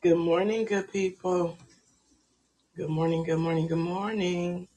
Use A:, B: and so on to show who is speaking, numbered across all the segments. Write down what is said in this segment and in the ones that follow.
A: Good morning, good people. Good morning, good morning, good morning.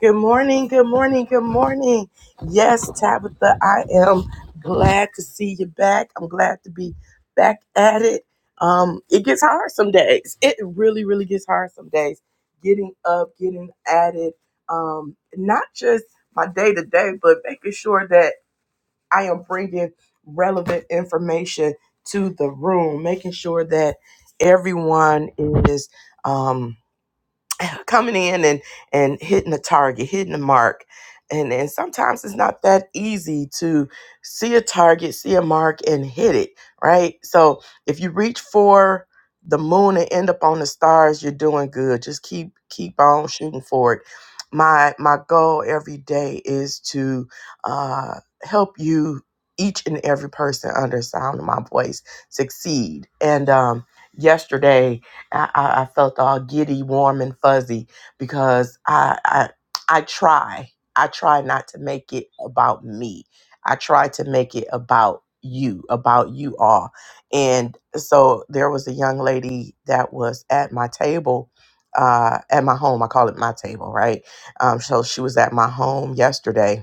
A: Good morning, good morning, good morning. Yes, Tabitha, I am glad to see you back. I'm glad to be back at it. Um, it gets hard some days. It really, really gets hard some days. Getting up, getting at it. Um, not just my day to day, but making sure that I am bringing relevant information to the room, making sure that everyone is. Um, coming in and and hitting a target, hitting a mark. And and sometimes it's not that easy to see a target, see a mark and hit it, right? So if you reach for the moon and end up on the stars, you're doing good. Just keep keep on shooting for it. My my goal every day is to uh, help you each and every person under the sound of my voice succeed. And um, yesterday, I, I, I felt all giddy, warm, and fuzzy because I, I I try. I try not to make it about me. I try to make it about you, about you all. And so there was a young lady that was at my table, uh, at my home. I call it my table, right? Um, so she was at my home yesterday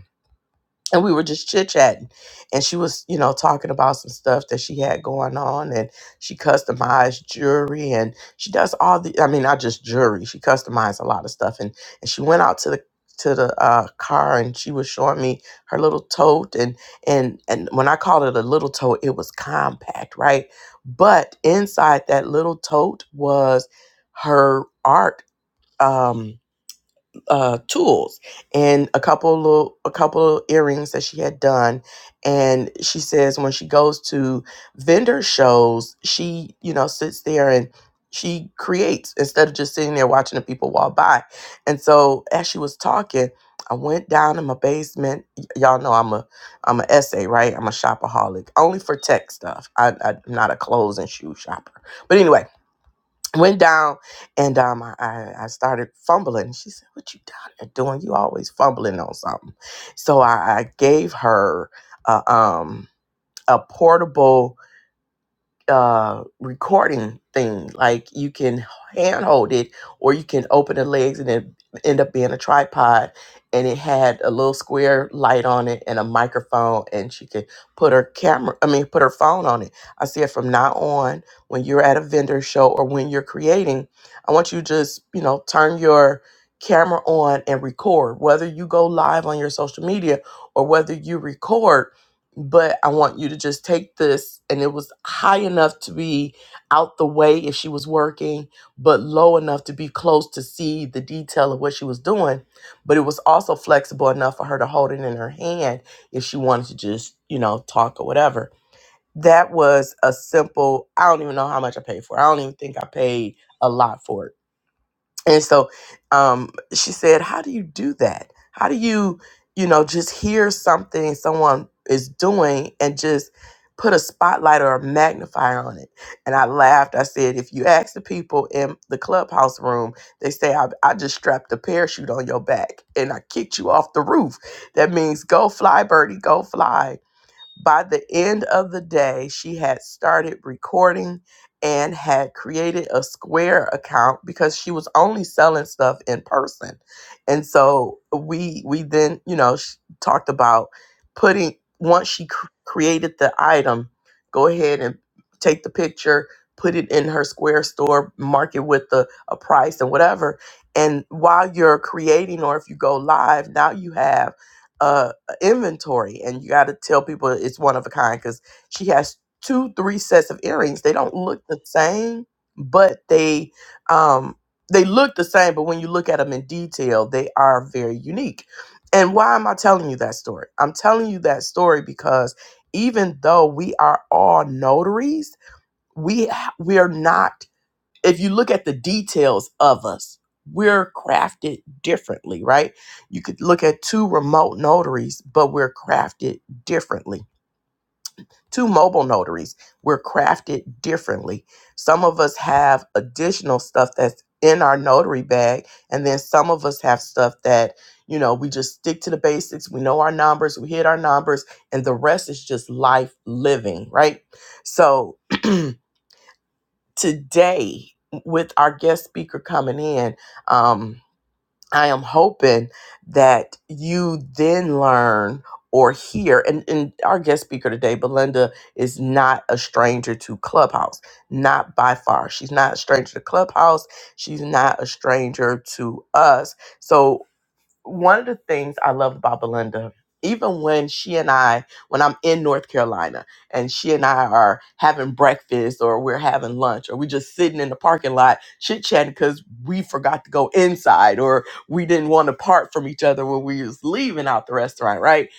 A: and we were just chit chatting. And she was, you know, talking about some stuff that she had going on, and she customized jewelry, and she does all the, I mean, not just jewelry, she customized a lot of stuff. And and she went out to the to the uh, car, and she was showing me her little tote, and and and when I called it a little tote, it was compact, right? But inside that little tote was her art. Um, uh, tools and a couple of a couple of earrings that she had done. And she says when she goes to vendor shows, she you know sits there and she creates instead of just sitting there watching the people walk by. And so as she was talking, I went down in my basement. Y- y'all know I'm a I'm an essay, right? I'm a shopaholic, only for tech stuff. I, I'm not a clothes and shoe shopper. But anyway went down and um I, I I started fumbling. She said, What you down there doing? You always fumbling on something. So I, I gave her a um a portable uh, recording thing. Like you can handhold it, or you can open the legs and it end up being a tripod. And it had a little square light on it and a microphone, and she could put her camera. I mean, put her phone on it. I said from now on, when you're at a vendor show or when you're creating, I want you to just you know turn your camera on and record whether you go live on your social media or whether you record but I want you to just take this. And it was high enough to be out the way if she was working, but low enough to be close to see the detail of what she was doing. But it was also flexible enough for her to hold it in her hand if she wanted to just, you know, talk or whatever. That was a simple, I don't even know how much I paid for. it. I don't even think I paid a lot for it and so um, she said, How do you do that? How do you, you know, just hear something someone is doing and just put a spotlight or a magnifier on it? And I laughed. I said, If you ask the people in the clubhouse room, they say, I, I just strapped a parachute on your back and I kicked you off the roof. That means go fly, birdie, go fly by the end of the day, she had started recording and had created a Square account because she was only selling stuff in person. And so we we then, you know, sh- talked about putting once she cr- created the item, go ahead and take the picture, put it in her Square store, mark it with the a price and whatever. And while you're creating or if you go live, now you have inventory and you got to tell people it's one of a kind because she has two three sets of earrings they don't look the same but they um they look the same but when you look at them in detail they are very unique and why am i telling you that story i'm telling you that story because even though we are all notaries we we are not if you look at the details of us, we're crafted differently, right? You could look at two remote notaries, but we're crafted differently. Two mobile notaries, we're crafted differently. Some of us have additional stuff that's in our notary bag, and then some of us have stuff that, you know, we just stick to the basics. We know our numbers, we hit our numbers, and the rest is just life living, right? So, today with our guest speaker coming in um, i am hoping that you then learn or hear and, and our guest speaker today belinda is not a stranger to clubhouse not by far she's not a stranger to clubhouse she's not a stranger to us So one of the things I love about Belinda, even when she and I, when I'm in North Carolina and she and I are having breakfast or we're having lunch or we're just sitting in the parking lot chit chatting because we forgot to go inside or we didn't want to part from each other when we was leaving out the restaurant, right?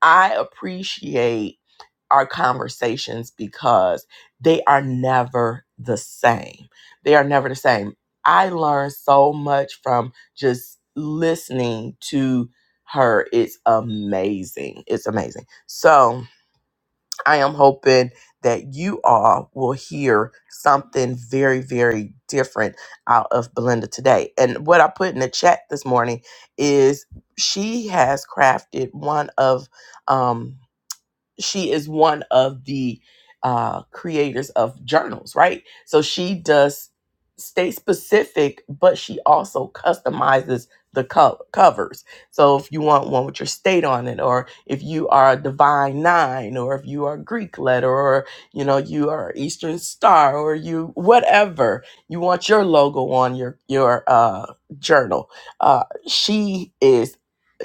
A: I appreciate our conversations because they are never the same. They are never the same. I learned so much from just listening to her. It's amazing. It's amazing. So I am hoping that you all will hear something very, very different out of Belinda today. And what I put in the chat this morning is she has crafted one of um she is one of the uh, creators of journals, right? So she does stay specific, but she also customizes the co- covers. So if you want one with your state on it, or if you are a divine nine, or if you are Greek letter, or you know you are Eastern Star, or you whatever you want your logo on your your uh, journal, uh, she is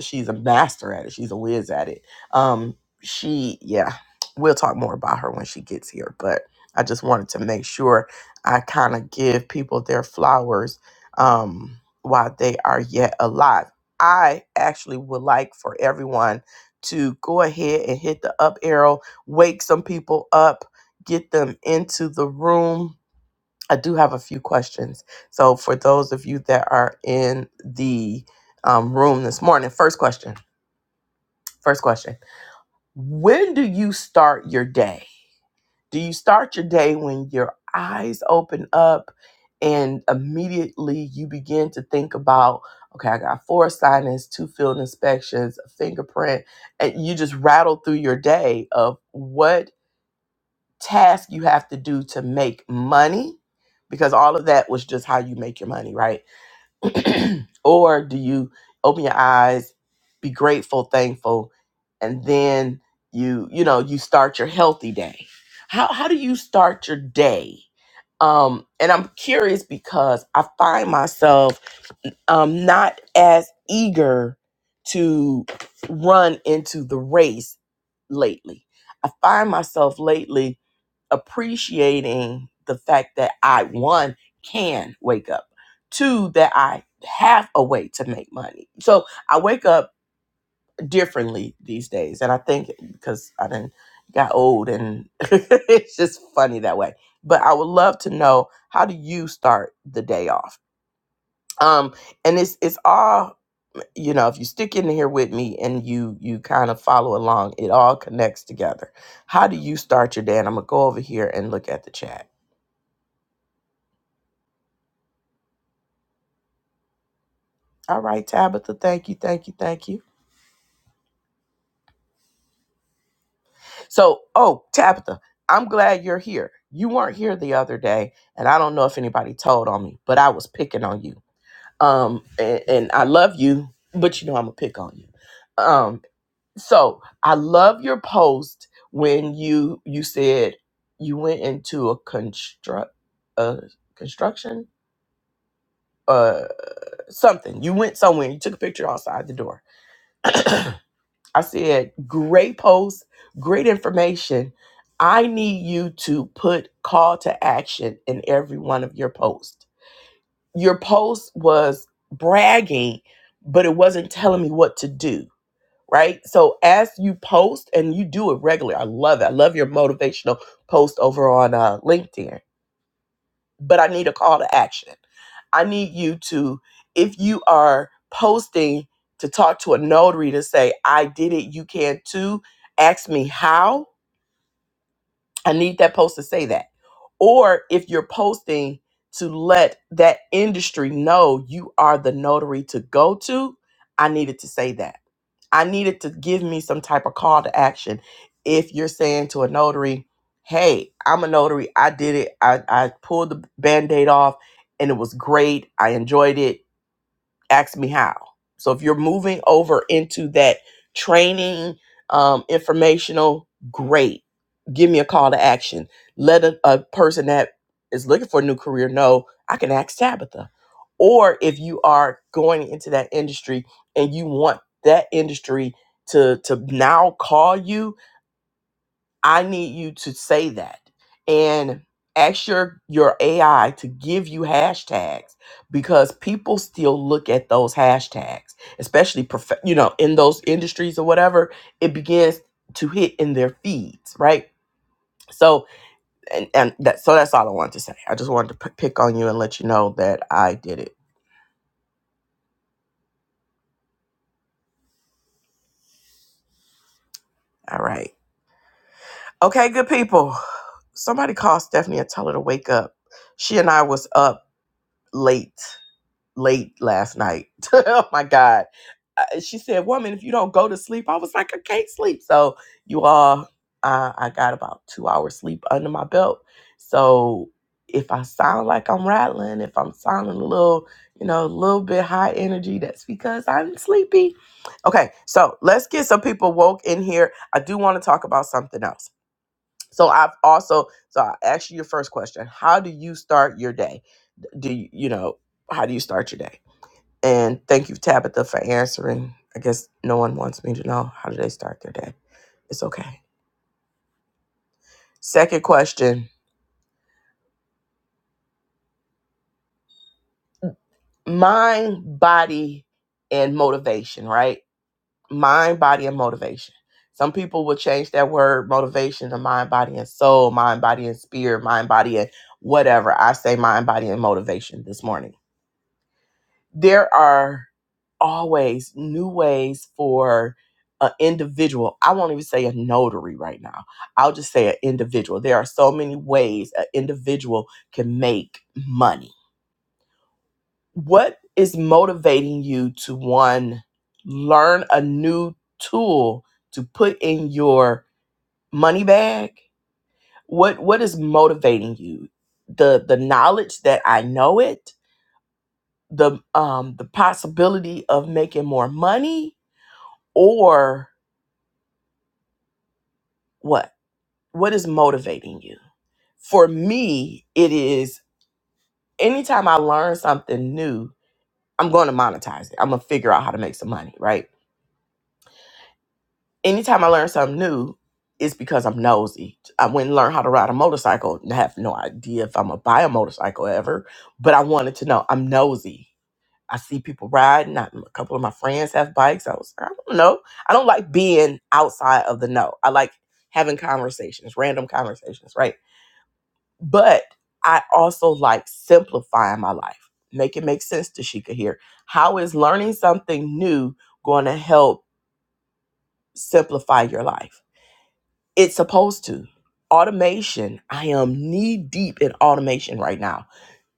A: she's a master at it. She's a whiz at it. Um, she yeah we'll talk more about her when she gets here but i just wanted to make sure i kind of give people their flowers um while they are yet alive i actually would like for everyone to go ahead and hit the up arrow wake some people up get them into the room i do have a few questions so for those of you that are in the um, room this morning first question first question when do you start your day? Do you start your day when your eyes open up and immediately you begin to think about, okay, I got four assignments, two field inspections, a fingerprint, and you just rattle through your day of what task you have to do to make money? Because all of that was just how you make your money, right? or do you open your eyes, be grateful, thankful, and then you you know you start your healthy day? How how do you start your day? Um, and I'm curious because I find myself um not as eager to run into the race lately. I find myself lately appreciating the fact that I one can wake up, two that I have a way to make money. So I wake up differently these days, and I think because I did got old, and it's just funny that way. But I would love to know how do you start the day off. Um, and it's it's all you know. If you stick in here with me and you you kind of follow along, it all connects together. How do you start your day? And I'm gonna go over here and look at the chat. All right, Tabitha. Thank you, thank you, thank you. So, oh, Tabitha, I'm glad you're here. You weren't here the other day, and I don't know if anybody told on me, but I was picking on you. Um, and, and I love you, but you know I'm gonna pick on you. Um, so I love your post when you you said you went into a construct a construction uh something. You went somewhere, you took a picture outside the door I said, great post, great information. I need you to put call to action in every one of your posts. Your post was bragging, but it wasn't telling me what to do, right? So as you post and you do it regularly, I love it. I love your motivational post over on uh, LinkedIn but I need a call to action. I need you to, if you are posting to talk to a notary to say, I did it, you can too, ask me how. I need that post to say that. Or if you're posting to let that industry know you are the notary to go to, I needed to say that I needed to give me some type of call to action. If you're saying to a notary, hey, I'm a notary, I did it, I, I pulled the band aid off and it was great, I enjoyed it, ask me how. So if you're moving over into that training, um, informational, great. Give me a call to action. Let a, a person that is looking for a new career know I can ask Tabitha. Or if you are going into that industry and you want that industry to to now call you, I need you to say that and ask your your AI to give you hashtags because people still look at those hashtags, especially prof- you know in those industries or whatever. It begins to hit in their feeds, right? So and and that so that's all I wanted to say. I just wanted to p- pick on you and let you know that I did it. All right, okay, good people. Somebody call Stephanie and tell her to wake up. She and I was up late late last night. oh my God. Uh, She said, Woman, if you don't go to sleep, I was like, I can't sleep. So, you all, uh, I got about two hours sleep under my belt. So, if I sound like I'm rattling, if I'm sounding a little, you know, a little bit high energy, that's because I'm sleepy. Okay, so let's get some people woke in here. I do want to talk about something else. So, I've also, so I asked you your first question How do you start your day? Do you, you know, how do you start your day? And thank you, Tabitha, for answering. I guess no one wants me to know how do they start their day. It's okay. Second question mind, body, and motivation, right? Mind, body, and motivation. Some people will change that word motivation to mind, body, and soul, mind, body, and spirit, mind, body, and whatever. I say mind, body, and motivation this morning there are always new ways for an individual. I won't even say a notary right now. I'll just say an individual. There are so many ways an individual can make money. What is motivating you to one learn a new tool to put in your money bag? What what is motivating you? The the knowledge that I know it, the um the possibility of making more money, or what? What is motivating you? For me, it is anytime I learn something new, I'm going to monetize it. I'm going to figure out how to make some money, right? Anytime I learn something new, it's because I'm nosy. I went and learned how to ride a motorcycle and I have no idea if I'm going to buy a motorcycle ever, but I wanted to know. I'm nosy. I see people riding. I, a couple of my friends have bikes. I was, like, I don't know. I don't like being outside of the know. I like having conversations, random conversations, right? But I also like simplifying my life. Make it make sense to here. How is learning something new going to help simplify your life? It's supposed to. Automation. I am knee deep in automation right now.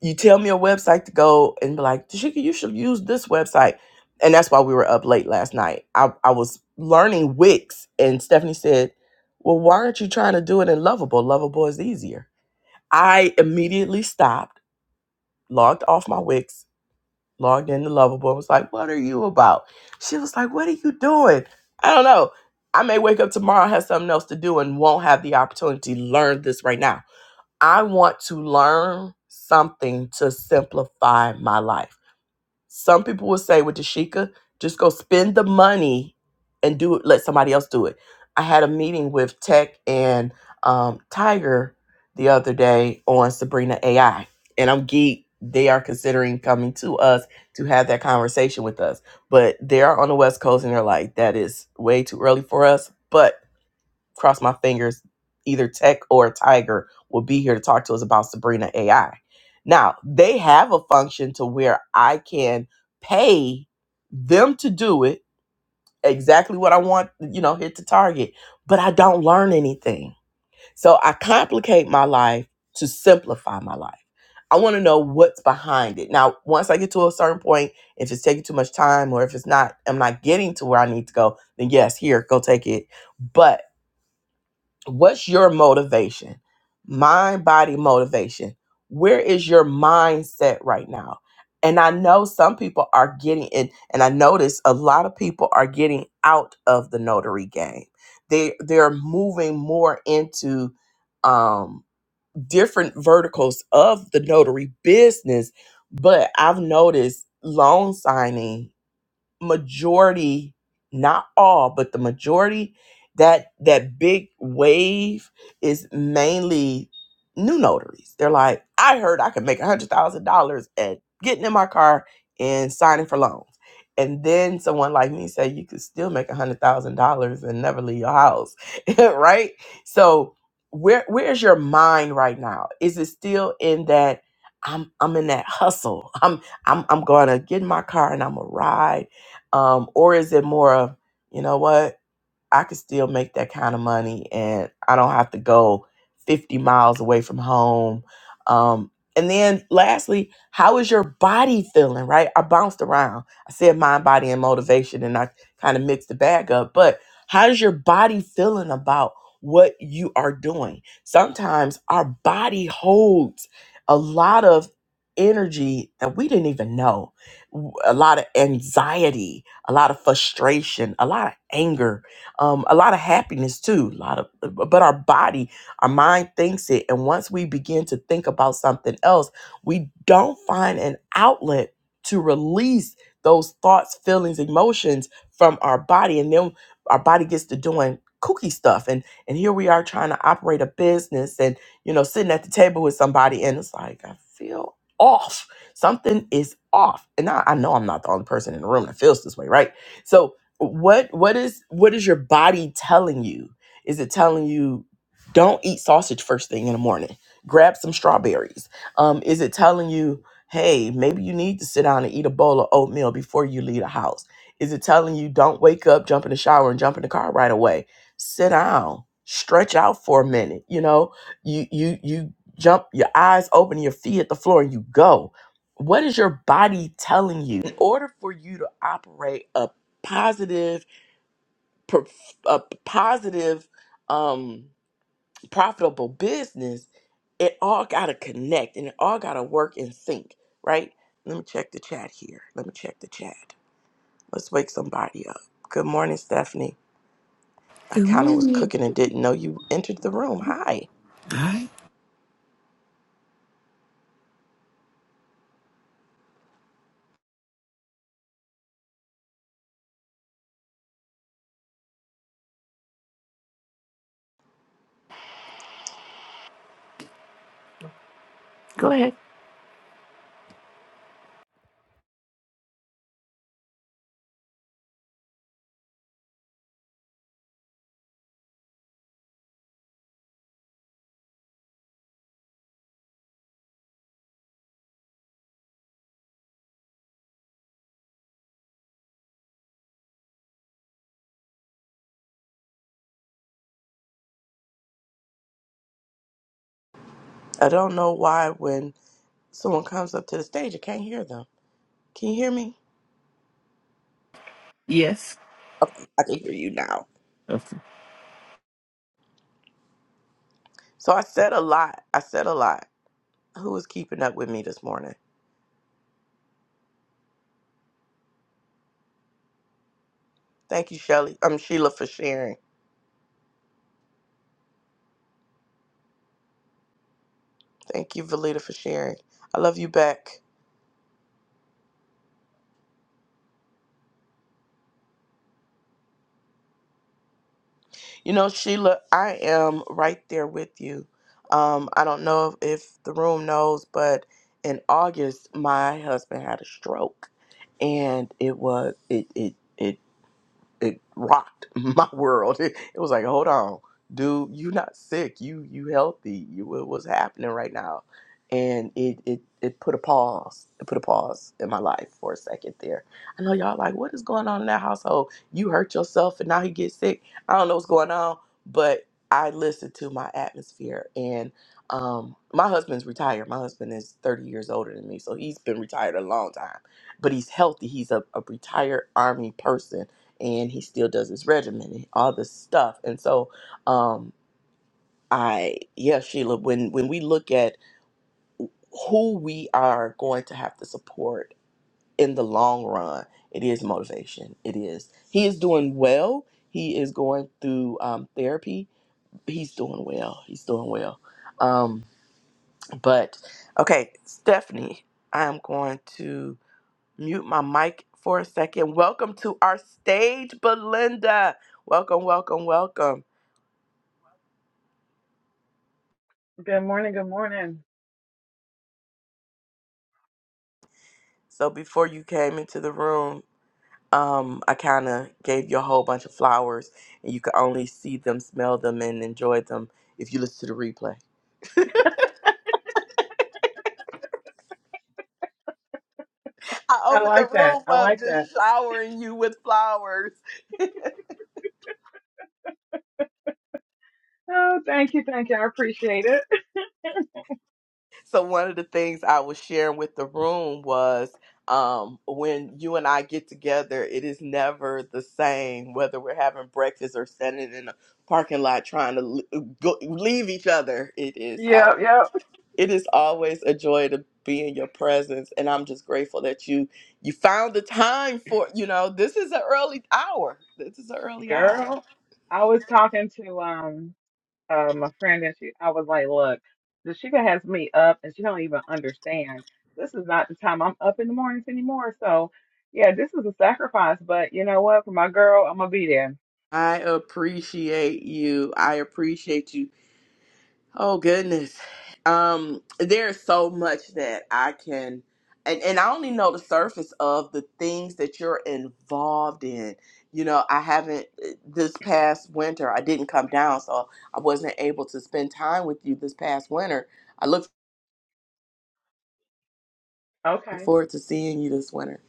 A: You tell me a website to go and be like, Tashika, you should use this website. And that's why we were up late last night. I, I was learning Wix, and Stephanie said, Well, why aren't you trying to do it in Lovable? Lovable is easier. I immediately stopped logged off my Wix, logged in the Lovable. I was like, what are you about? She was like, what are you doing? I don't know. I may wake up tomorrow, have something else to do, and won't have the opportunity to learn this right now. I want to learn something to simplify my life. Some people will say with Dashika, just go spend the money and do it, let somebody else do it. I had a meeting with Tech and um, Tiger the other day on Sabrina AI, and I'm geek. They are considering coming to us to have that conversation with us, but they are on the West Coast, and they're like, that is way too early for us. But cross my fingers, either Tech or Tiger will be here to talk to us about Sabrina AI. Now, they have a function to where I can pay them to do it exactly what I want, you know, hit the target, but I don't learn anything. So I complicate my life to simplify my life. I want to know what's behind it. Now, once I get to a certain point, if it's taking too much time or if it's not, I'm not getting to where I need to go, then yes, here, go take it. But What's your motivation? Mind body motivation. Where is your mindset right now? And I know some people are getting in, and I notice a lot of people are getting out of the notary game. They they're moving more into um, different verticals of the notary business. But I've noticed loan signing majority, not all, but the majority, that that big wave is mainly new notaries. They're like, I heard I could make a hundred thousand dollars at getting in my car and signing for loans. And then someone like me said you could still make a hundred thousand dollars and never leave your house. right? So where where's your mind right now? Is it still in that I'm I'm in that hustle. I'm I'm I'm gonna get in my car and I'm gonna ride um, or is it more of, you know what? I could still make that kind of money and I don't have to go 50 miles away from home. Um, and then lastly, how is your body feeling, right? I bounced around. I said mind, body, and motivation, and I kind of mixed the bag up. But how's your body feeling about what you are doing? Sometimes our body holds a lot of energy that we didn't even know, a lot of anxiety, a lot of frustration, a lot of anger um, a lot of happiness too. A lot of, but our body, our mind thinks it, and once we begin to think about something else, we don't find an outlet to release those thoughts, feelings, emotions from our body, and then our body gets to doing kooky stuff. And and here we are trying to operate a business, and you know, sitting at the table with somebody, and it's like I feel off. Something is off, and I, I know I'm not the only person in the room that feels this way, right? So what what is what is your body telling you is it telling you don't eat sausage first thing in the morning grab some strawberries um is it telling you hey maybe you need to sit down and eat a bowl of oatmeal before you leave the house is it telling you don't wake up jump in the shower and jump in the car right away sit down stretch out for a minute you know you you you jump your eyes open your feet at the floor and you go what is your body telling you in order for you to operate a positive, per, a positive, um, profitable business, it all got to connect and it all got to work in sync, right? Let me check the chat here. Let me check the chat. Let's wake somebody up. Good morning, Stephanie. I
B: Good
A: kind of was
B: morning.
A: cooking and didn't know you entered the room. Hi.
B: Go ahead.
A: I don't know why when someone comes up to the stage, I can't hear them. Can you hear me?
B: Yes.
A: Okay, I can hear you now.
B: Oh,
A: So I said a lot. I said a lot. Who was keeping up with me this morning? Thank you, Shelly. I'm Sheila for sharing. Thank you, Valita, for sharing. I love you back. You know, Sheila, I am right there with you. Um, I don't know if the room knows, but in August, my husband had a stroke, and it was it it it it rocked my world. It, it was like, hold on, dude, you not sick. You you healthy. You what- what's happening right now? And it, it it put a pause. It put a pause in my life for a second there. I know y'all like, what is going on in that household? You hurt yourself and now you get sick. I don't know what's going on, but I listened to my atmosphere and um my husband's retired. My husband is 30 years older than me, so he's been retired a long time. But he's healthy. He's a, a retired army person and he still does his regimen and all this stuff. And so, um, I yeah, Sheila, when when we look at who we are going to have to support in the long run, it is motivation. It is he is doing well. He is going through um, therapy. He's doing well. He's doing well. Um, but okay, Stephanie, I am going to mute my mic for a second. Welcome to our stage, Belinda. Welcome, welcome, welcome.
C: Good morning. Good morning.
A: So before you came into the room, um, I kind of gave you a whole bunch of flowers, and you could only see them, smell them, and enjoy them if you listen to the replay. I
C: I
A: opened
C: like
A: the
C: that.
A: room
C: I
A: up
C: like
A: just
C: that.
A: showering you with flowers.
C: Oh, thank you. Thank you. I appreciate it.
A: So one of the things I was sharing with the room was um, when you and I get together, it is never the same whether we're having breakfast or standing in a parking lot trying to l- uh, go, leave each other. It is. always
C: Yep. Yep.
A: it is always a joy to be in your presence and i'm just grateful that you you found the time for you know this is an early hour this is an early hour
C: Girl, I was talking to, um, uh, my friend and she, I was like, look, the Sheikah has me up and she don't even understand. This is not the time I'm up in the mornings anymore. So yeah, this is a sacrifice, but you know what? For my girl, I'm gonna be there.
A: i appreciate you i appreciate you oh goodness um there's so much that i can and, and i only know the surface of the things that you're involved in you know i haven't eh, this past winter i didn't come down so i wasn't able to spend time with you this past winter I looked Look
C: Okay.
A: forward to seeing you this winter.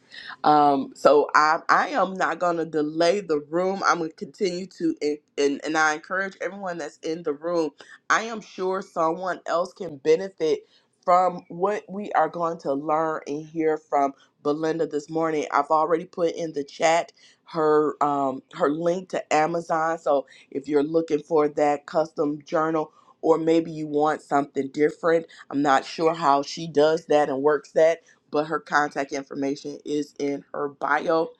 A: Um, so I I am not gonna delay the room. I'm gonna continue to and and, and I encourage everyone that's in the room. I am sure someone else can benefit from what we are going to learn and hear from Belinda this morning. I've already put in the chat her um her link to Amazon. So if you're looking for that custom journal or maybe you want something different, I'm not sure how she does that and works that but her contact information is in her bio.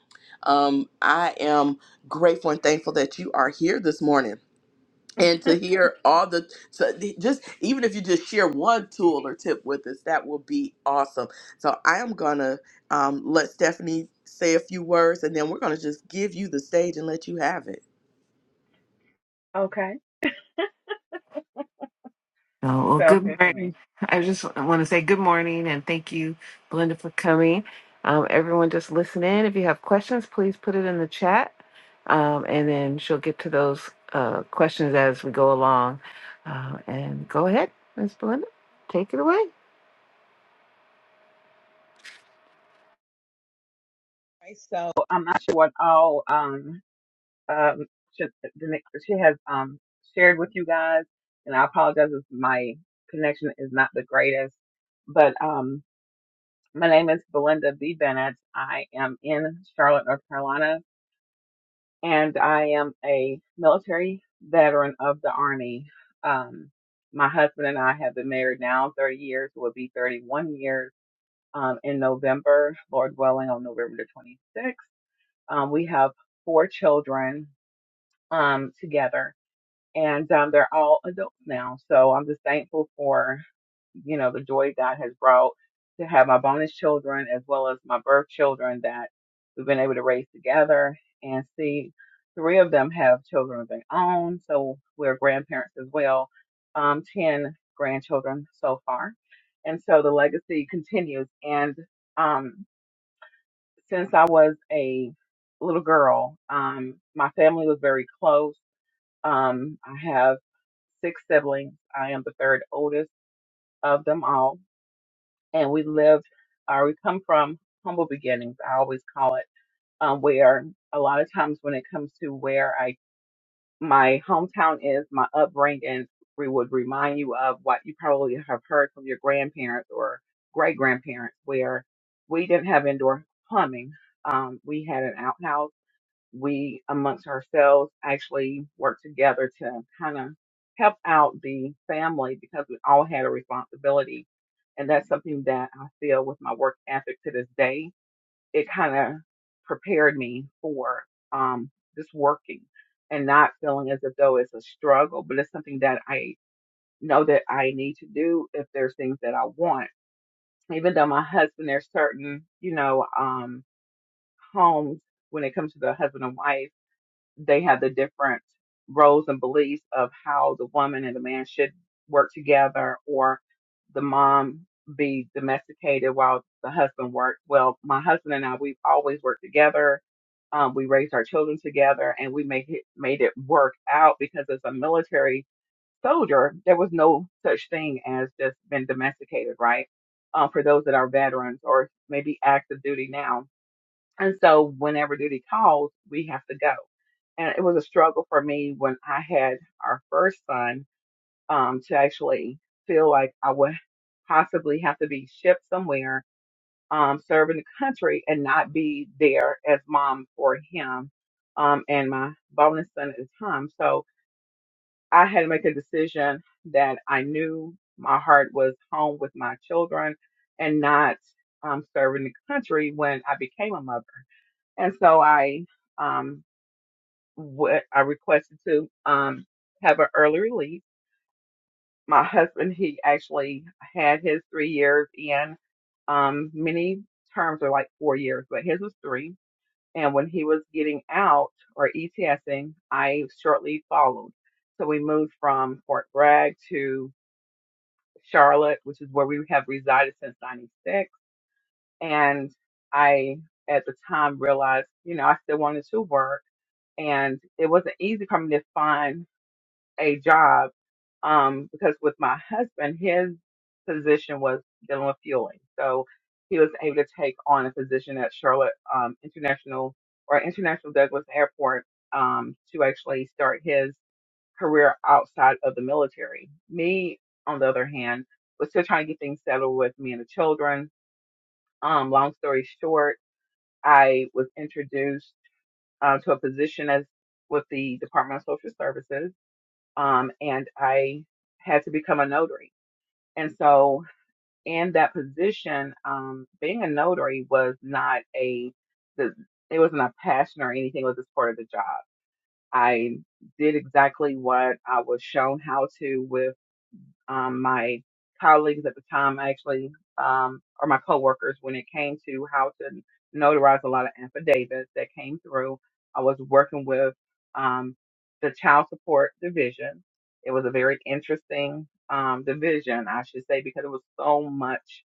A: Um, I am grateful and thankful that you are here this morning. And to hear all the, so just even if you just share one tool or tip with us, that will be awesome. So I am gonna um, let Stephanie say a few words, and then we're gonna just give you the stage and let you have it.
C: Okay.
B: well,
C: Sounds
B: good
C: good to me.
B: morning. I just want to say good morning and thank you, Belinda, for coming. Um, everyone, just listen in. If you have questions, please put it in the chat, um, and then she'll get to those uh, questions as we go along. Uh, and go ahead, Miss Belinda, take it away.
C: Okay, So I'm not sure what all, um, um, she, the next, she has um, shared with you guys, and I apologize if my connection is not the greatest. But um, my name is Belinda B. Bennett. I am in Charlotte, North Carolina, and I am a military veteran of the Army. Um, my husband and I have been married now 30 years, will be 31 years um, in November, Lord willing, on November the 26th. Um, we have four children um, together and um, they're all adults now. So I'm just thankful for you know the joy God has brought to have my bonus children as well as my birth children that we've been able to raise together and see three of them have children of their own. So we're grandparents as well. Um, ten grandchildren so far, and so the legacy continues. And um, since I was a little girl, um, my family was very close um, I have six siblings. I am the third oldest of them all. And we lived, or we come from humble beginnings, I always call it, um, where a lot of times when it comes to where I, my hometown is, my upbringing we would remind you of what you probably have heard from your grandparents or great grandparents, where we didn't have indoor plumbing. Um, we had an outhouse we amongst ourselves actually worked together to kind of help out the family because we all had a responsibility. And that's something that I feel with my work ethic to this day, it kind of prepared me for um, just working and not feeling as if though it's a struggle, but it's something that I know that I need to do if there's things that I want. Even though my husband, there's certain, you know, um, homes when it comes to the husband and wife they have the different roles and beliefs of how the woman and the man should work together or the mom be domesticated while the husband works. Well, my husband and I, we've always worked together. Um, we raised our children together and we made it, made it work out because as a military soldier, there was no such thing as just been domesticated, right? Um, for those that are veterans or maybe active duty now. And so whenever duty calls, we have to go and it was a struggle for me when I had our first son um, to actually feel like I would possibly have to be shipped somewhere, um, serving the country, and not be there as mom for him um, and my bonus son at the time. So I had to make a decision that I knew my heart was home with my children and not um, serving the country when I became a mother. And so I. Um, what I requested to um have an early release. My husband, he actually had his three years in. Um, many terms are like four years, but his was three. And when he was getting out or ETSing, I shortly followed. So we moved from Fort Bragg to Charlotte, which is where we have resided since '96. And I, at the time, realized, you know, I still wanted to work, and it wasn't easy for me to find a job um, because with my husband, his position was dealing with fueling. So he was able to take on a position at Charlotte um, International or International Douglas Airport um, to actually start his career outside of the military. Me, on the other hand, was still trying to get things settled with me and the children. Um, long story short, I was introduced uh, to a position as with the Department of Social Services um, and I had to become a notary. And so, in that position, um, being a notary was not a, the, it wasn't a passion or anything. It was just part of the job. I did exactly what I was shown how to with um, my colleagues at the time actually, um, or my coworkers when it came to how to notarize a lot of affidavits that came through. I was working with, um, the child support division. It was a very interesting, um, division, I should say, because it was so much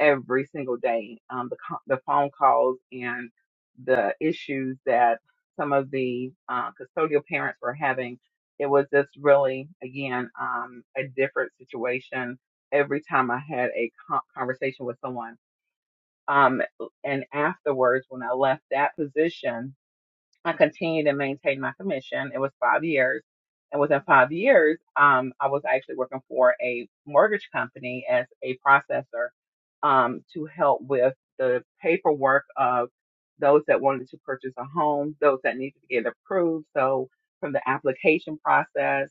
C: every single day. Um, the co- the phone calls and the issues that some of the uh, custodial parents were having. It was just really again um, a different situation every time I had a co- conversation with someone. Um, and afterwards, when I left that position, I continued to maintain my commission. It was five years. And within five years, um, I was actually working for a mortgage company as a processor um, to help with the paperwork of those that wanted to purchase a home, those that needed to get approved. So from the application process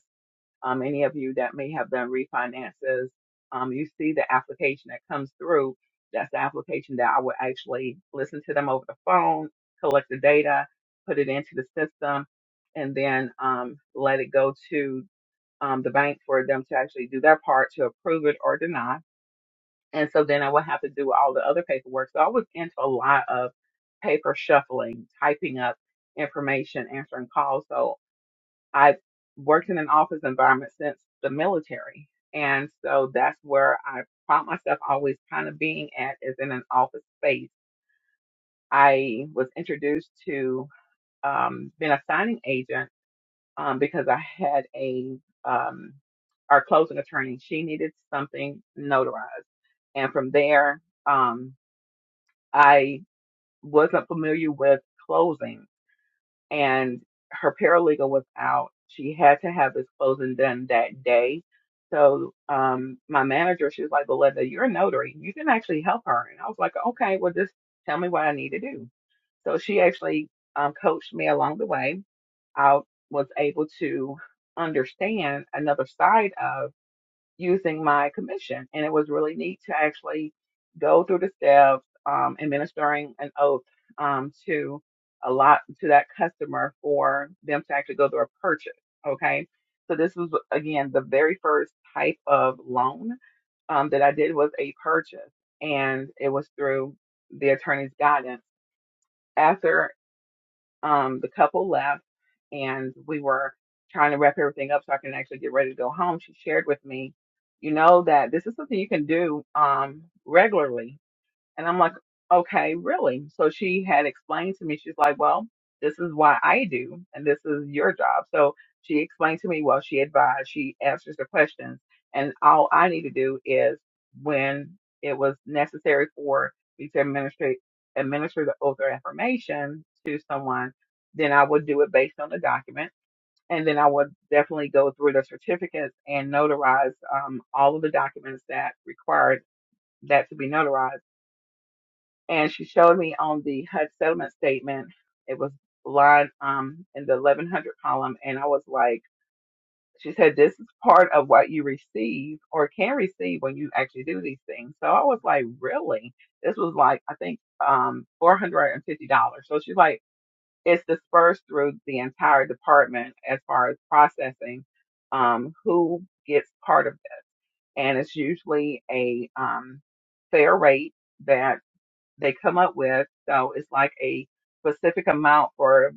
C: um, any of you that may have done refinances, um, you see the application that comes through. That's the application that I would actually listen to them over the phone, collect the data, put it into the system, and then um, let it go to um, the bank for them to actually do their part to approve it or deny. And so then I would have to do all the other paperwork. So I was into a lot of paper shuffling, typing up information, answering calls. So I've worked in an office environment since the military. And so that's where I found myself always kind of being at is in an office space. I was introduced to um, being a signing agent um, because I had a um, our closing attorney. She needed something notarized, and from there, um, I wasn't familiar with closing and her paralegal was out. She had to have this closing done that day. So um my manager, she was like, Belinda, you're a notary. You can actually help her. And I was like, okay, well just tell me what I need to do. So she actually um, coached me along the way. I was able to understand another side of using my commission. And it was really neat to actually go through the steps um, and an oath um, to a lot to that customer for them to actually go through a purchase. Okay. So this was again the very first type of loan um, that I did was a purchase and it was through the attorney's guidance. After um, the couple left and we were trying to wrap everything up so I can actually get ready to go home, she shared with me, you know, that this is something you can do um, regularly and I'm like, okay, really? So she had explained to me, she's like, well, this is why I do, and this is your job. So she explained to me, well, she advised, she answers the questions. And all I need to do is when it was necessary for me to administrate, administer the oath or affirmation to someone, then I would do it based on the document. And then I would definitely go through the certificates and notarize um, all of the documents that required that to be notarized and she showed me on the HUD settlement statement. It was line um in the 1100 column, and I was like, she said, this is part of what you receive or can receive when you actually do these things. So I was like, really? This was like I think um $450. So she's like, it's dispersed through the entire department as far as processing. Um, who gets part of this, and it's usually a um fair rate that." they come up with. So it's like a specific amount for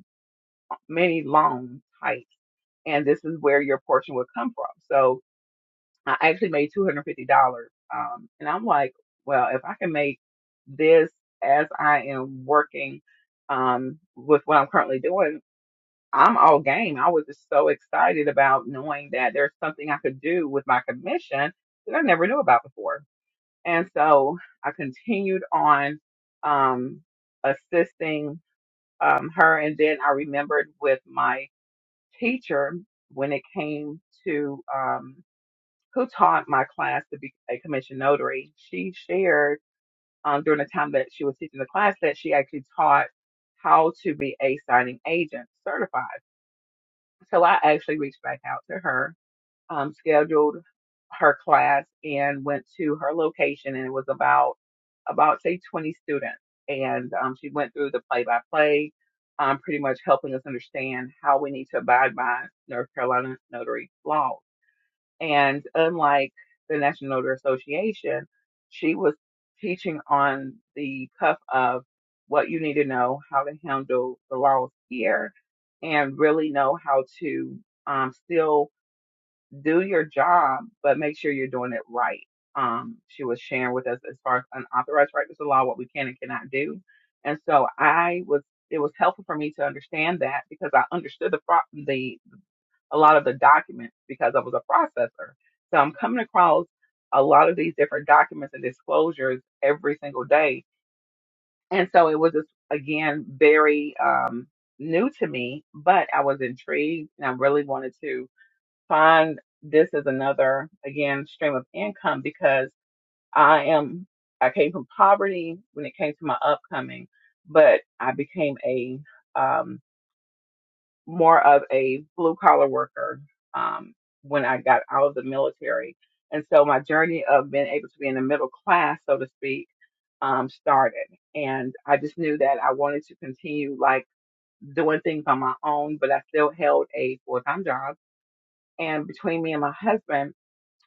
C: many loan types, and this is where your portion would come from. So I actually made two hundred fifty dollars, um, and I'm like, well, if I can make this as I am working um, with what I'm currently doing. I'm all game. I was just so excited about knowing that there's something I could do with my commission that I never knew about before. And so I continued on um, assisting um, her. And then I remembered with my teacher when it came to um, who taught my class to be a commission notary. She shared um, during the time that she was teaching the class that she actually taught how to be a signing agent certified. So I actually reached back out to her um, scheduled her class and went to her location and it was about about say 20 students and um, she went through the play by play um, pretty much helping us understand how we need to abide by north carolina notary laws and unlike the national notary association she was teaching on the cuff of what you need to know how to handle the laws here and really know how to um, still do your job, but make sure you're doing it right. Um, she was sharing with us as far as unauthorized practice of law, what we can and cannot do. And so I was, it was helpful for me to understand that because I understood the, pro- the, a lot of the documents because I was a processor. So I'm coming across a lot of these different documents and disclosures every single day. And so it was just, again, very, um, new to me, but I was intrigued and I really wanted to find this as another again stream of income because I am I came from poverty when it came to my upcoming, but I became a um, more of a blue collar worker um, when I got out of the military, and so my journey of being able to be in the middle class, so to speak, um, started. And I just knew that I wanted to continue like doing things on my own, but I still held a full time job. And between me and my husband,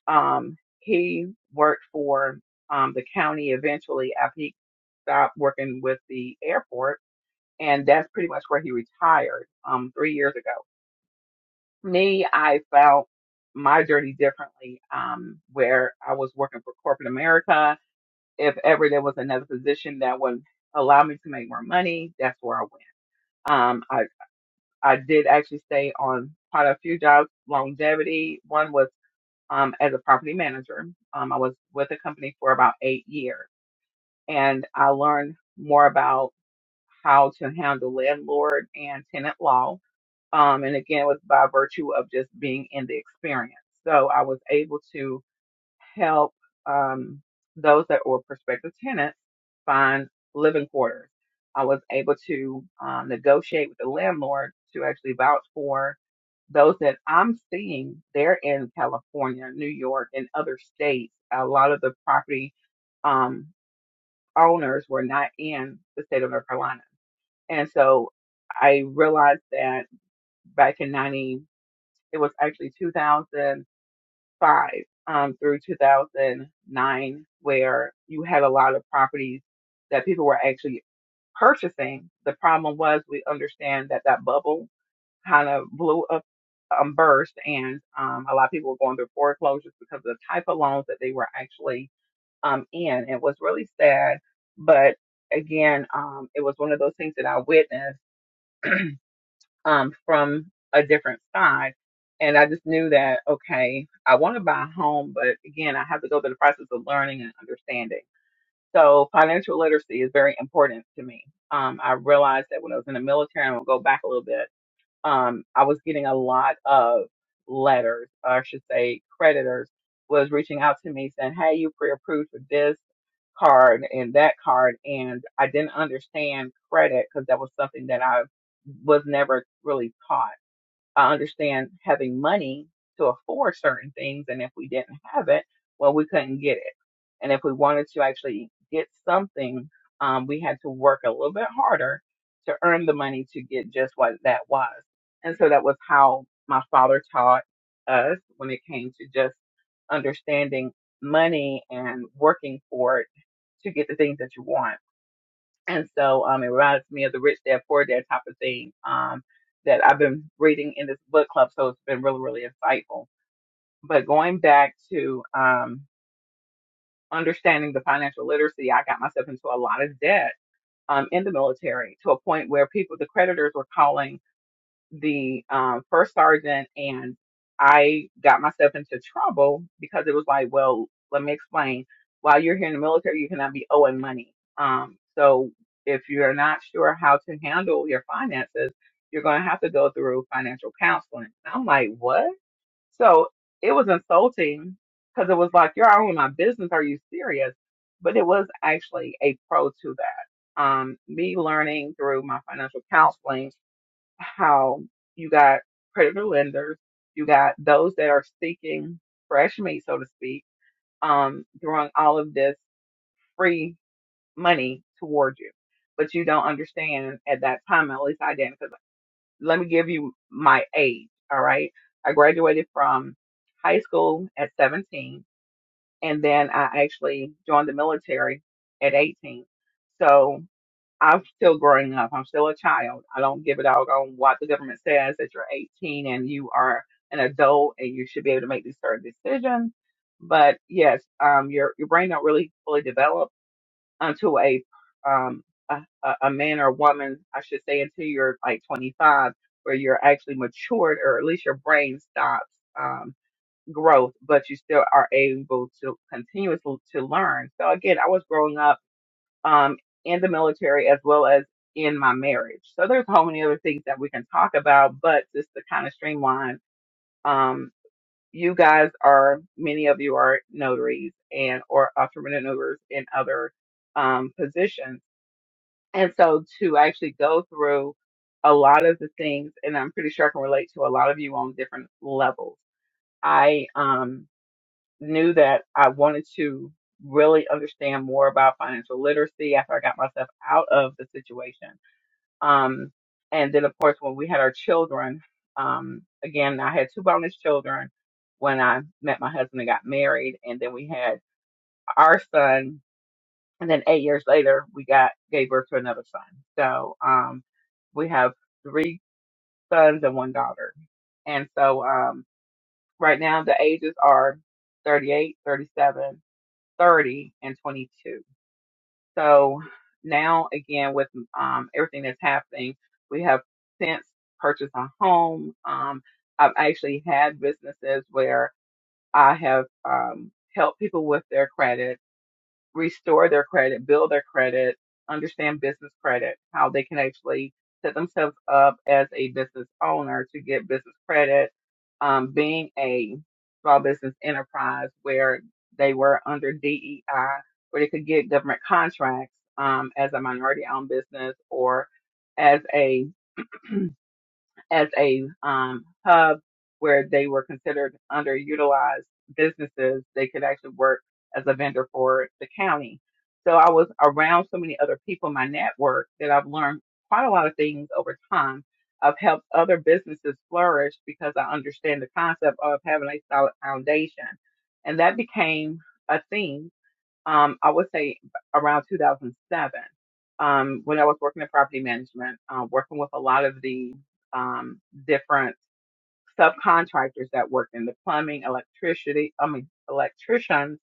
C: um, he worked for um, the county eventually after he stopped working with the airport, and that's pretty much where he retired um, three years ago. Me, I felt my journey differently, um, where I was working for corporate America. If ever there was another position that would allow me to make more money, that's where I went. Um, I I did actually stay on quite a few jobs, longevity. One was um, as a property manager. Um, I was with the company for about eight years and I learned more about how to handle landlord and tenant law. Um, and again, it was by virtue of just being in the experience. So I was able to help um, those that were prospective tenants find living quarters. I was able to um, negotiate with the landlord to actually vouch for those that I'm seeing. They're in California, New York, and other states. A lot of the property um, owners were not in the state of North Carolina. And so I realized that back in 90, it was actually 2000 five um, through 2009, where you had a lot of properties that people were actually purchasing. The problem was we understand that that bubble kind of blew up, um, burst, and um, a lot of people were going through foreclosures because of the type of loans that they were actually um, in. It was really sad, but again, um, it was one of those things that I witnessed um, from a different side. And I just knew that, okay, I want to buy a home, but again, I have to go through the process of learning and understanding. So financial literacy is very important to me. Um, I realized that when I was in the military, and we'll go back a little bit, um, I was getting a lot of letters, or I should say creditors was reaching out to me saying, Hey, you pre-approved for this card and that card. And I didn't understand credit because that was something that I was never really taught. I understand having money to afford certain things. And if we didn't have it, well, we couldn't get it. And if we wanted to actually get something, um, we had to work a little bit harder to earn the money to get just what that was. And so that was how my father taught us when it came to just understanding money and working for it to get the things that you want. And so um, it reminds me of the rich dad poor dad type of thing um, that I've been reading in this book club. So it's been really, really insightful. But going back to um, understanding the financial literacy, I got myself into a lot of debt um, in the military to a point where people, the creditors were calling the um, first sergeant and I got myself into trouble because it was like, well, let me explain. While you're here in the military, you cannot be owing money. Um, so if you're not sure how to handle your finances, you're going to have to go through financial counseling. And I'm like, what? So it was insulting because it was like, you're owing my business. Are you serious? But it was actually a pro to that. Um, me learning through my financial counseling how you got predator lenders, you got those that are seeking fresh meat, so to speak, um, throwing all of this free money towards you. But you don't understand at that time, at least I didn't, 'cause let me give you my age, all right? I graduated from high school at 17, and then I actually joined the military at 18. So I'm still growing up. I'm still a child. I don't give a dog on what the government says that you're 18 and you are an adult and you should be able to make these certain decisions. But yes, um, your your brain don't really fully develop until a um a, a a man or a woman, I should say, until you're like 25, where you're actually matured or at least your brain stops um growth, but you still are able to continuously to learn. So again, I was growing up um, in the military as well as in my marriage. So there's a whole many other things that we can talk about, but just to kind of streamline, um, you guys are many of you are notaries and or affirmative notaries in other um, positions, and so to actually go through a lot of the things, and I'm pretty sure I can relate to a lot of you on different levels. I um knew that I wanted to really understand more about financial literacy after I got myself out of the situation. Um, and then, of course, when we had our children, um, again, I had two bonus children when I met my husband and got married, and then we had our son. And then eight years later, we got gave birth to another son. So um, we have three sons and one daughter. And so um, right now, the ages are 38, 37. 30 and 22. So now again, with um, everything that's happening, we have since purchased a home. Um, I've actually had businesses where I have um, helped people with their credit restore their credit, build their credit, understand business credit, how they can actually set themselves up as a business owner to get business credit, um, being a small business enterprise where they were under DEI, where they could get government contracts um, as a minority owned business or as a as a um, hub where they were considered underutilized businesses. They could actually work as a vendor for the county. So I was around so many other people in my network that I've learned quite a lot of things over time. I've helped other businesses flourish because I understand the concept of having a solid foundation. And that became a theme um, I would say around 2007, um, when I was working in property management, uh, working with a lot of the um, different subcontractors that worked in the plumbing, electricity, I mean, electricians,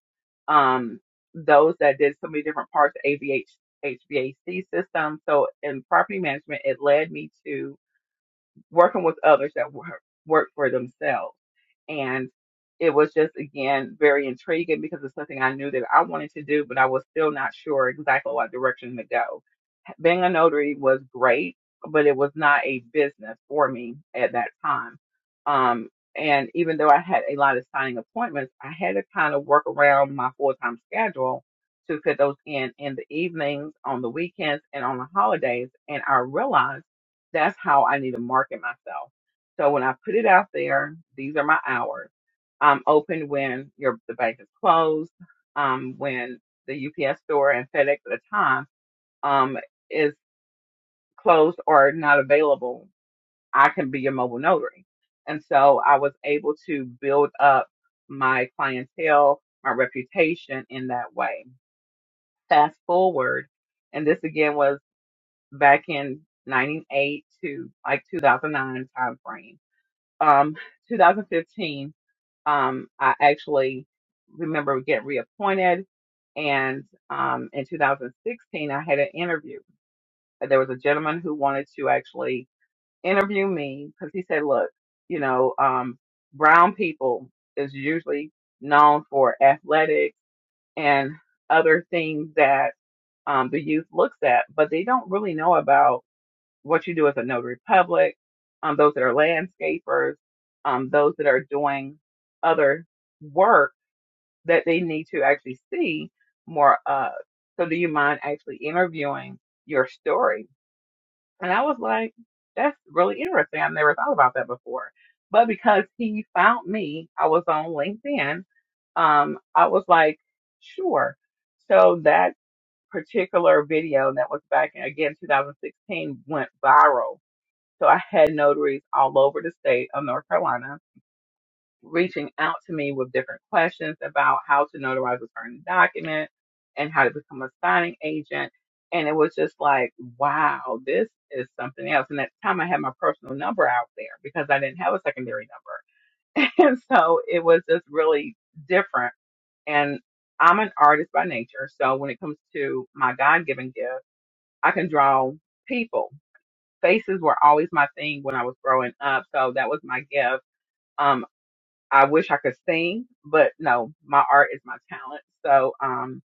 C: um, those that did so many different parts of AVH, HVAC system. So in property management, it led me to working with others that were, work for themselves and it was just again very intriguing because it's something I knew that I wanted to do, but I was still not sure exactly what direction to go being a notary was great, but it was not a business for me at that time. Um, and even though I had a lot of signing appointments, I had to kind of work around my full time schedule to fit those in in the evenings, on the weekends, and on the holidays. And I realized that's how I need to market myself. So when I put it out there, these are my hours. I'm open when your the bank is closed, um, when the UPS store and FedEx at the time. Um, is closed or not available, I can be your mobile notary. And so I was able to build up my clientele, my reputation in that way. Fast forward, and this again was back in 98 to like 2009 time frame. Um, 2015, um, I actually remember getting reappointed. And um, in 2016, I had an interview. There was a gentleman who wanted to actually interview me because he said, look, you know, um, brown people is usually known for athletics and other things that um, the youth looks at, but they don't really know about what you do as a notary public, um, those that are landscapers, um, those that are doing other work that they need to actually see more of. So do you mind actually interviewing your story? And I was like, that's really interesting. I've never thought about that before. But because he found me, I was on LinkedIn. Um, I was like, sure. So that particular video that was back in, again, 2016 went viral. So I had notaries all over the state of North Carolina reaching out to me with different questions about how to notarize a certain document and how to become a signing agent. And it was just like, wow, this is something else. And at the time I had my personal number out there because I didn't have a secondary number. And so it was just really different. And I'm an artist by nature. So when it comes to my God given gift, I can draw people. Faces were always my thing when I was growing up. So that was my gift Um, I wish I could sing, but no, my art is my talent. So, um,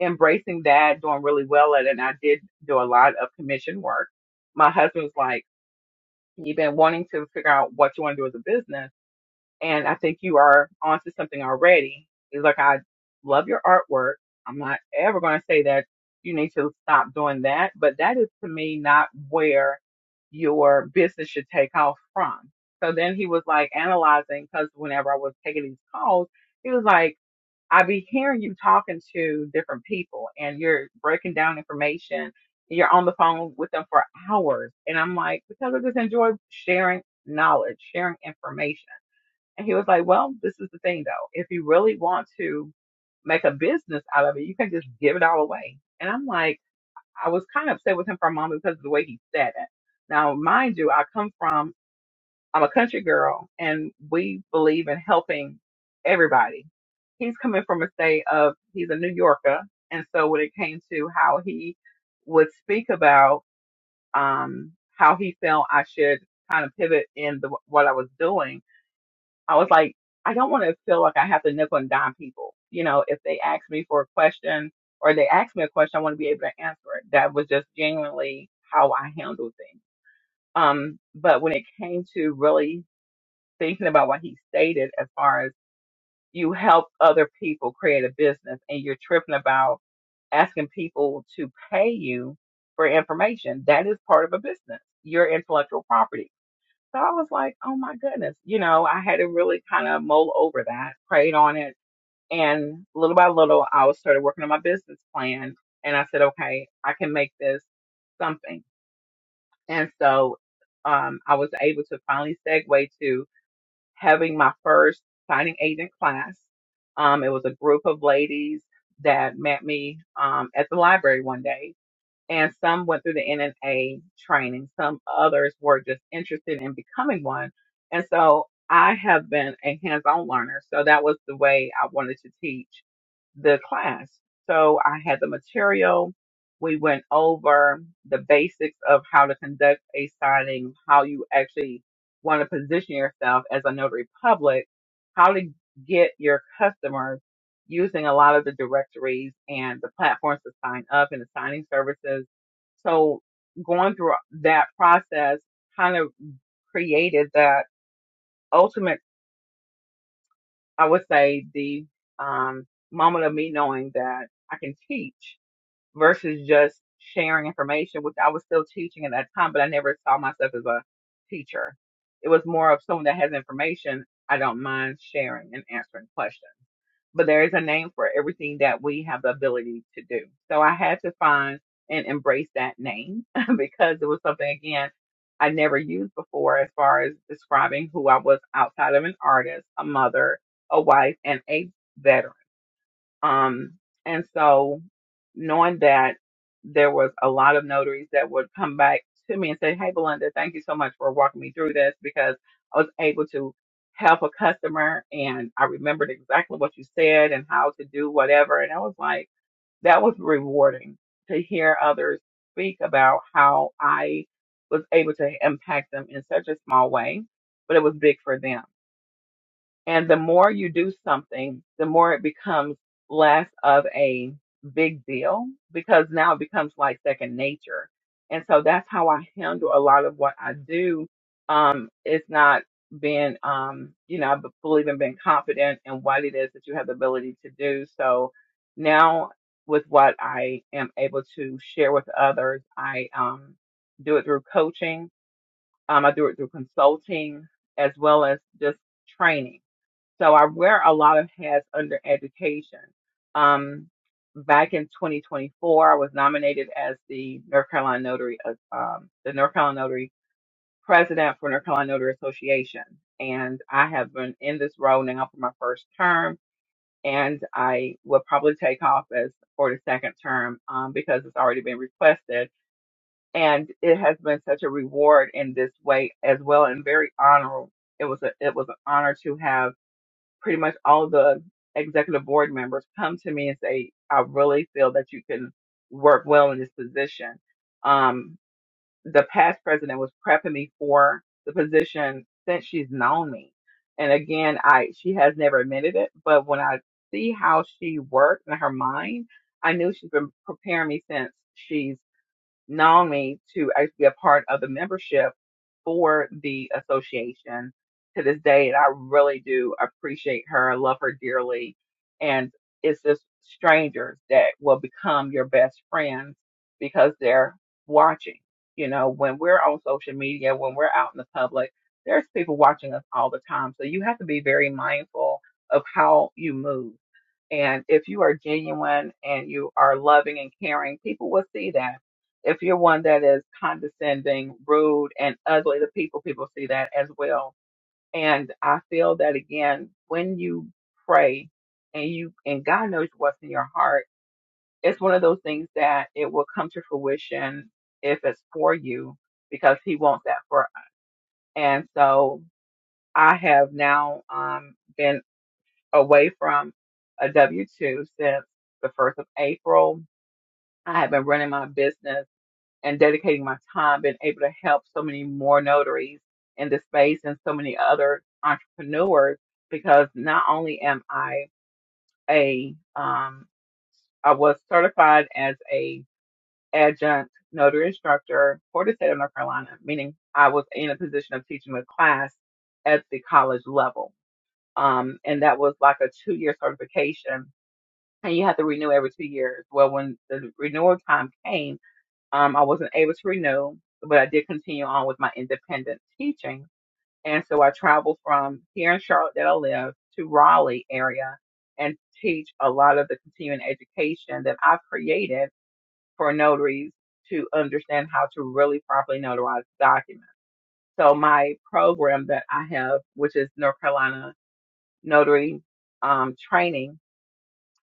C: embracing that, doing really well at it. And I did do a lot of commission work. My husband was like, you've been wanting to figure out what you want to do as a business and I think you are onto something already. It's like I love your artwork. I'm not ever going to say that you need to stop doing that, but that is to me not where your business should take off from. So then he was like analyzing because whenever I was taking these calls, he was like, I be hearing you talking to different people and you're breaking down information. You're on the phone with them for hours. And I'm like, because I just enjoy sharing knowledge, sharing information. And he was like, well, this is the thing though. If you really want to make a business out of it, you can just give it all away. And I'm like, I was kind of upset with him for a moment because of the way he said it. Now, mind you, I come from, I'm a country girl and we believe in helping everybody. He's coming from a state of, he's a New Yorker. And so when it came to how he would speak about, um, how he felt I should kind of pivot in the, what I was doing, I was like, I don't want to feel like I have to nickel and dime people. You know, if they ask me for a question or they ask me a question, I want to be able to answer it. That was just genuinely how I handled things. Um, but when it came to really thinking about what he stated, as far as you help other people create a business and you're tripping about asking people to pay you for information, that is part of a business, your intellectual property so I was like, oh my goodness. You know, I had to really kind of mull over that, prayed on it. And little by little, I was started working on my business plan. And I said, okay, I can make this something. And so um, I was able to finally segue to having my first signing agent class. Um, it was a group of ladies that met me um, at the library one day and some went through the NNA training. Some others were just interested in becoming one. And so I have been a hands on learner. So that was the way I wanted to teach the class. So I had the material. We went over the basics of how to conduct a signing, how you actually want to position yourself as a notary public, how to get your customers using a lot of the directories and the platforms to sign up and the signing services. So going through that process kind of created that ultimate, I would say, the um, moment of me knowing that I can teach versus just sharing information, which I was still teaching at that time, but I never saw myself as a teacher. It was more of someone that has information. I don't mind sharing and answering questions. but there is a name for everything that we have the ability to do. So I had to find and embrace that name because it was something again I never used before as far as describing who I was outside of an artist, a mother, a wife, and a veteran. Um, and so knowing that there was a lot of notaries that would come back to me and say, Hey, Belinda, thank you so much for walking me through this because I was able to help a customer and I remembered exactly what you said and how to do whatever. And I was like, that was rewarding to hear others speak about how I was able to impact them in such a small way, but it was big for them. And the more you do something, the more it becomes less of a big deal because now it becomes like second nature. And so that's how I handle a lot of what I do. Um, it's not being, um, you know, I b- believe in being confident in what it is that you have the ability to do. So now with what I am able to share with others, I, um, do it through coaching. Um, I do it through consulting as well as just training so I wear a lot of hats under education. Um, back in 2024, I was nominated as the North Carolina Notary, uh, um, the North Carolina Notary President for North Carolina Notary Association, and I have been in this role now for my first term, and I will probably take office for the second term um, because it's already been requested, and it has been such a reward in this way as well, and very honorable. It was a, it was an honor to have pretty much all the executive board members come to me and say, I really feel that you can work well in this position. Um, the past president was prepping me for the position since she's known me. And again, I, she has never admitted it, but when I see how she worked in her mind, I knew she's been preparing me since she's. Naomi to actually be a part of the membership for the association to this day. And I really do appreciate her. I love her dearly. And it's just strangers that will become your best friends because they're watching. You know, when we're on social media, when we're out in the public, there's people watching us all the time. So you have to be very mindful of how you move. And if you are genuine and you are loving and caring, people will see that if you're one that is condescending, rude, and ugly to people, people see that as well. And I feel that again, when you pray and you and God knows what's in your heart, it's one of those things that it will come to fruition if it's for you because He wants that for us. And so I have now um, been away from a W two since the first of April. I have been running my business and dedicating my time, been able to help so many more notaries in the space and so many other entrepreneurs because not only am I a, um, I was certified as a adjunct notary instructor for the state of North Carolina, meaning I was in a position of teaching a class at the college level. Um, and that was like a two year certification and you have to renew every two years. Well, when the renewal time came, um, I wasn't able to renew, but I did continue on with my independent teaching. And so I traveled from here in Charlotte that I live to Raleigh area and teach a lot of the continuing education that I've created for notaries to understand how to really properly notarize documents. So my program that I have, which is North Carolina Notary um, Training,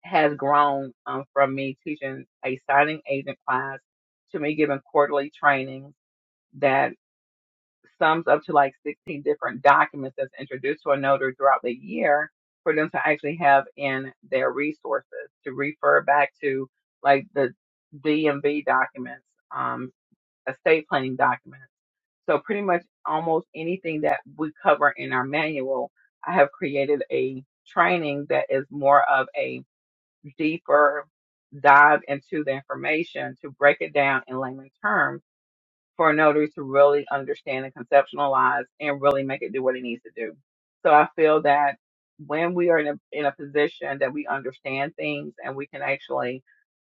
C: has grown um, from me teaching a signing agent class to me giving quarterly trainings that sums up to like 16 different documents that's introduced to a notary throughout the year for them to actually have in their resources to refer back to like the DMV documents, um, estate planning documents. So pretty much almost anything that we cover in our manual, I have created a training that is more of a deeper dive into the information to break it down in layman terms for a notary to really understand and conceptualize and really make it do what it needs to do. So I feel that when we are in a, in a position that we understand things and we can actually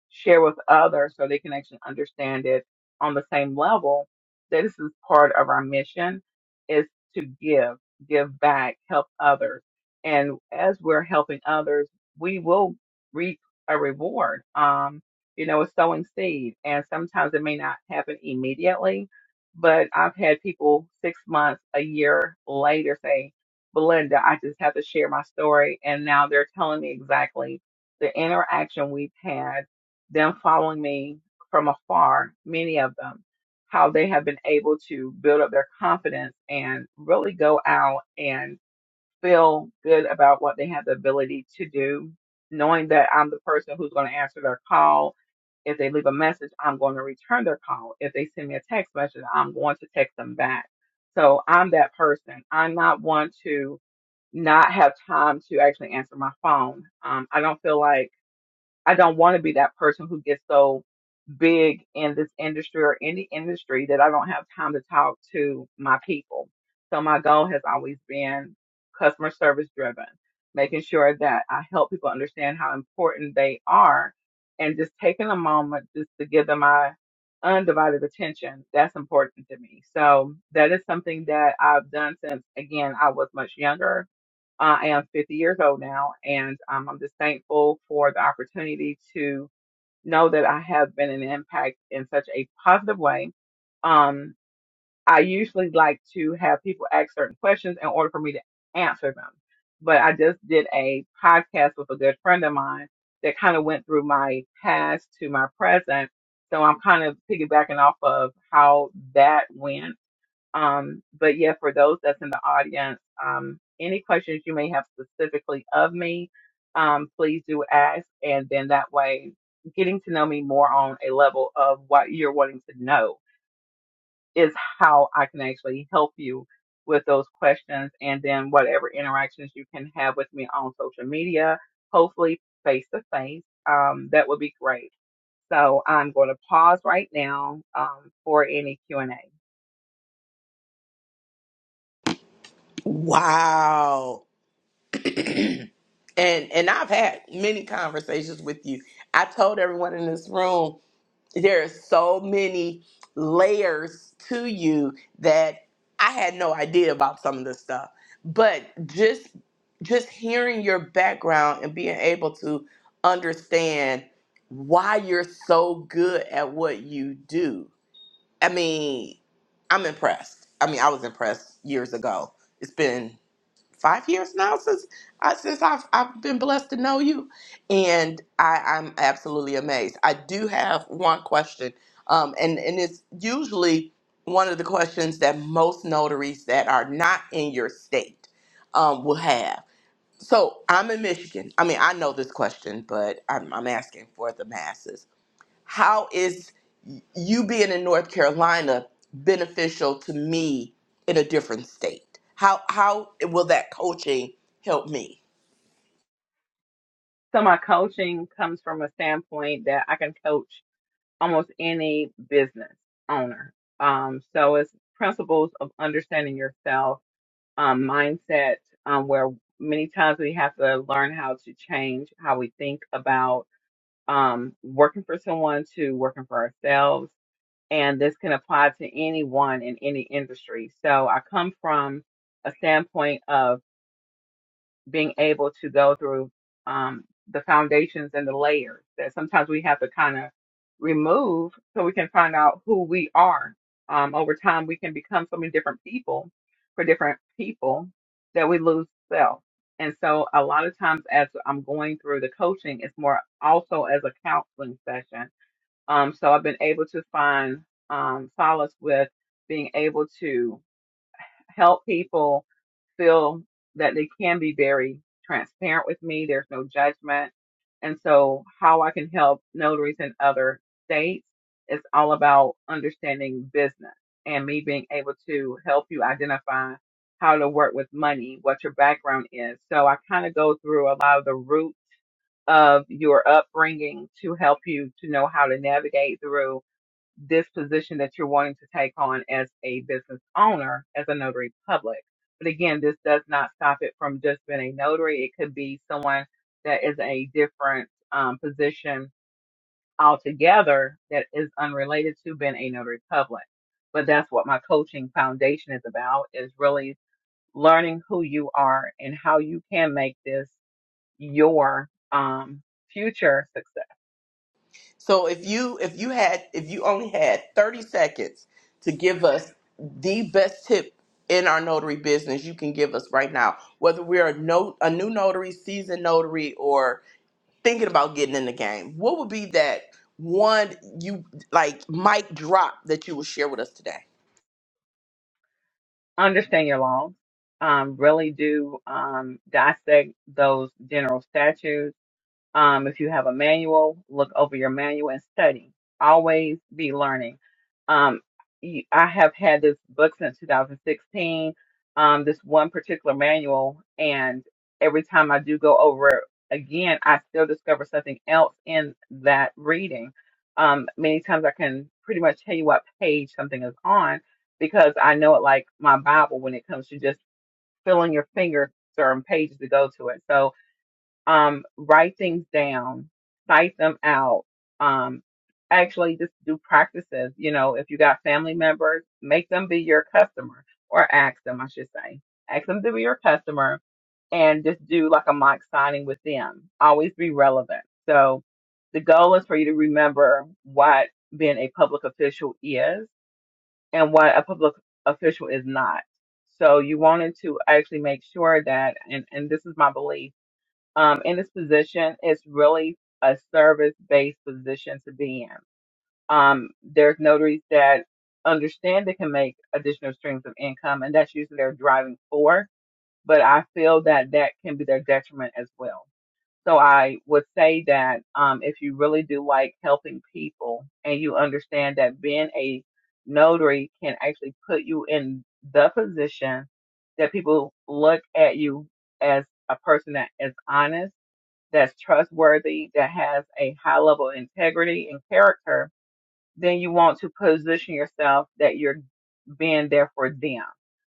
C: share with others so they can actually understand it on the same level that this is part of our mission is to give give back help others and as we're helping others we will reap a reward um you know it's sowing seed and sometimes it may not happen immediately but i've had people six months a year later say belinda i just have to share my story and now they're telling me exactly the interaction we've had them following me from afar, many of them, how they have been able to build up their confidence and really go out and feel good about what they have the ability to do, knowing that I'm the person who's going to answer their call. If they leave a message, I'm going to return their call. If they send me a text message, I'm going to text them back. So I'm that person. I'm not one to not have time to actually answer my phone. Um, I don't feel like I don't want to be that person who gets so big in this industry or any industry that I don't have time to talk to my people. So my goal has always been customer service driven, making sure that I help people understand how important they are and just taking a moment just to give them my undivided attention. That's important to me. So that is something that I've done since again I was much younger I am 50 years old now, and um, I'm just thankful for the opportunity to know that I have been an impact in such a positive way. Um, I usually like to have people ask certain questions in order for me to answer them, but I just did a podcast with a good friend of mine that kind of went through my past to my present. So I'm kind of piggybacking off of how that went um, but yeah, for those that's in the audience, um, any questions you may have specifically of me, um, please do ask. And then that way, getting to know me more on a level of what you're wanting to know is how I can actually help you with those questions. And then whatever interactions you can have with me on social media, hopefully face to face, um, that would be great. So I'm going to pause right now, um, for any Q&A.
A: Wow. And and I've had many conversations with you. I told everyone in this room there are so many layers to you that I had no idea about some of this stuff. But just just hearing your background and being able to understand why you're so good at what you do. I mean, I'm impressed. I mean, I was impressed years ago. It's been five years now since I, since I've I've been blessed to know you, and I, I'm absolutely amazed. I do have one question, um, and and it's usually one of the questions that most notaries that are not in your state um, will have. So I'm in Michigan. I mean, I know this question, but I'm, I'm asking for the masses how is you being in North Carolina beneficial to me in a different state? How how will that coaching help me?
C: So my coaching comes from a standpoint that I can coach almost any business owner. Um, so it's principles of understanding yourself, um, mindset, um, where many times we have to learn how to change how we think about um, working for someone to working for ourselves. And this can apply to anyone in any industry. So I come from a standpoint of being able to go through um, the foundations and the layers that sometimes we have to kind of remove so we can find out who we are. Um, over time, we can become so many different people for different people that we lose self. And so, a lot of times, as I'm going through the coaching, it's more also as a counseling session. Um, so, I've been able to find um, solace with being able to help people feel that they can be very transparent with me. There's no judgment. And so, how I can help notaries in other states is all about understanding business and me being able to help you identify how to work with money, what your background is. So, I kind of go through a lot of the roots of your upbringing to help you to know how to navigate through this position that you're wanting to take on as a business owner, as a notary public. But again, this does not stop it from just being a notary. It could be someone that is a different um, position altogether that is unrelated to being a notary public. But that's what my coaching foundation is about is really learning who you are and how you can make this your um, future success
A: So if you if you had if you only had 30 seconds to give us the best tip in our notary business you can give us right now, whether we're a no a new notary, seasoned notary, or thinking about getting in the game, what would be that one you like mic drop that you would share with us today?
C: understand your laws, um, really do um, dissect those general statutes um, if you have a manual, look over your manual and study. Always be learning. Um, you- I have had this book since 2016, um, this one particular manual, and every time I do go over it again, I still discover something else in that reading. Um, many times I can pretty much tell you what page something is on because I know it like my Bible when it comes to just filling your finger certain pages to go to it. So, um, write things down, cite them out, um, actually just do practices. You know, if you got family members, make them be your customer or ask them, I should say, ask them to be your customer and just do like a mock signing with them. Always be relevant. So the goal is for you to remember what being a public official is and what a public official is not. So you wanted to actually make sure that, and, and this is my belief um, in this position, it's really a service based position to be in. Um, there's notaries that understand they can make additional streams of income, and that's usually their driving force. But I feel that that can be their detriment as well. So I would say that um, if you really do like helping people and you understand that being a notary can actually put you in the position that people look at you as a person that is honest that's trustworthy, that has a high level of integrity and character, then you want to position yourself that you're being there for them.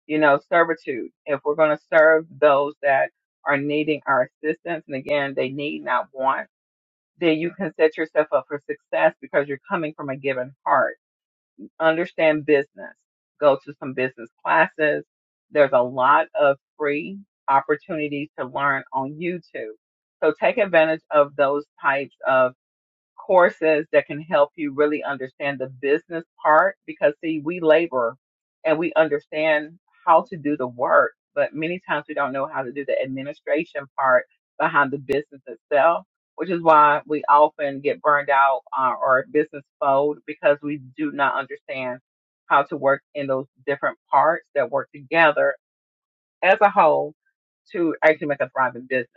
C: You know, servitude. If we're going to serve those that are needing our assistance, and again, they need not want, then you can set yourself up for success because you're coming from a given heart understand business, go to some business classes. There's a lot of free opportunities to learn on YouTube. So take advantage of those types of courses that can help you really understand the business part because see we labor and we understand how to do the work but many times we don't know how to do the administration part behind the business itself which is why we often get burned out uh, or business fold because we do not understand how to work in those different parts that work together as a whole to actually make a thriving business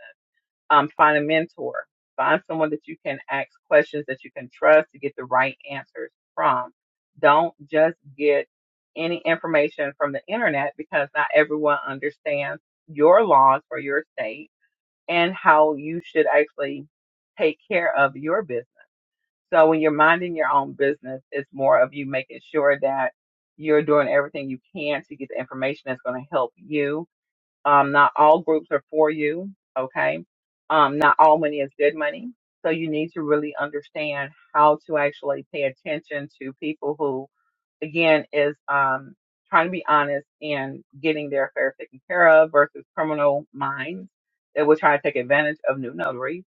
C: um, find a mentor, find someone that you can ask questions that you can trust to get the right answers from. Don't just get any information from the internet because not everyone understands your laws for your state and how you should actually take care of your business. So when you're minding your own business, it's more of you making sure that you're doing everything you can to get the information that's going to help you um, not all groups are for you. Okay. Um, not all money is good money. So you need to really understand how to actually pay attention to people who, again, is, um, trying to be honest and getting their affairs taken care of versus criminal minds that will try to take advantage of new notaries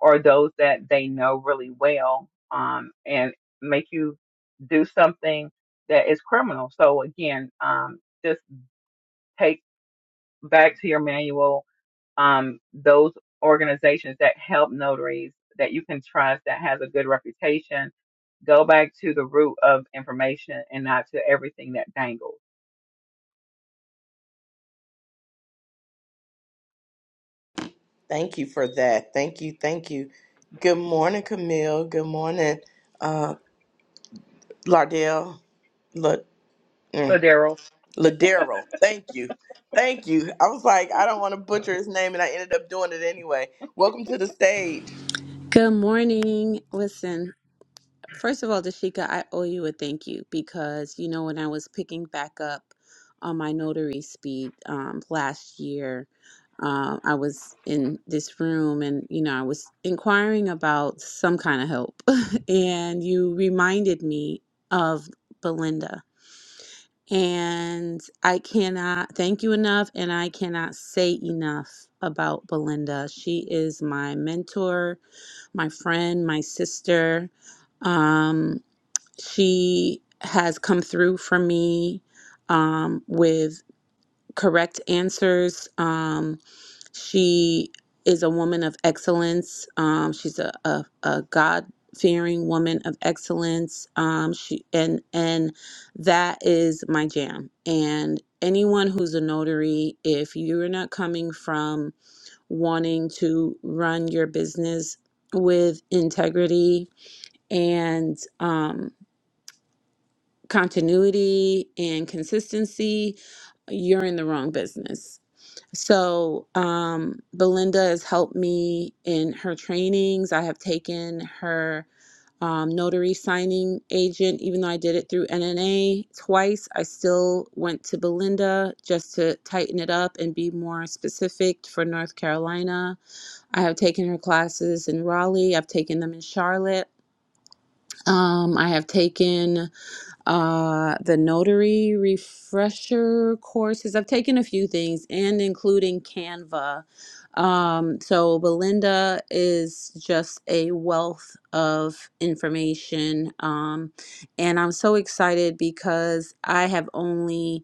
C: or those that they know really well, um, and make you do something that is criminal. So again, um, just take back to your manual um, those organizations that help notaries that you can trust that has a good reputation go back to the root of information and not to everything that dangles
A: Thank you for that. Thank you. Thank you. Good morning, Camille. Good morning, uh, Lardell. La,
C: so
A: mm,
C: daryl
A: Ladero. Thank you. Thank you. I was like, I don't want to butcher his name, and I ended up doing it anyway. Welcome to the stage.
D: Good morning. Listen, first of all, Dashika, I owe you a thank you because, you know, when I was picking back up on my notary speed um, last year, um, I was in this room and, you know, I was inquiring about some kind of help. and you reminded me of Belinda. And I cannot thank you enough, and I cannot say enough about Belinda. She is my mentor my friend, my sister. Um, she has come through for me um, with correct answers. Um, she is a woman of excellence. Um, she's a, a, a God fearing woman of excellence. Um, she and and that is my jam. And anyone who's a notary, if you're not coming from wanting to run your business with integrity and um, continuity and consistency, you're in the wrong business. So, um, Belinda has helped me in her trainings. I have taken her um, notary signing agent, even though I did it through NNA twice. I still went to Belinda just to tighten it up and be more specific for North Carolina. I have taken her classes in Raleigh. I've taken them in Charlotte. Um, I have taken uh, the notary refresher courses. I've taken a few things, and including Canva. Um, so Belinda is just a wealth of information, um, and I'm so excited because I have only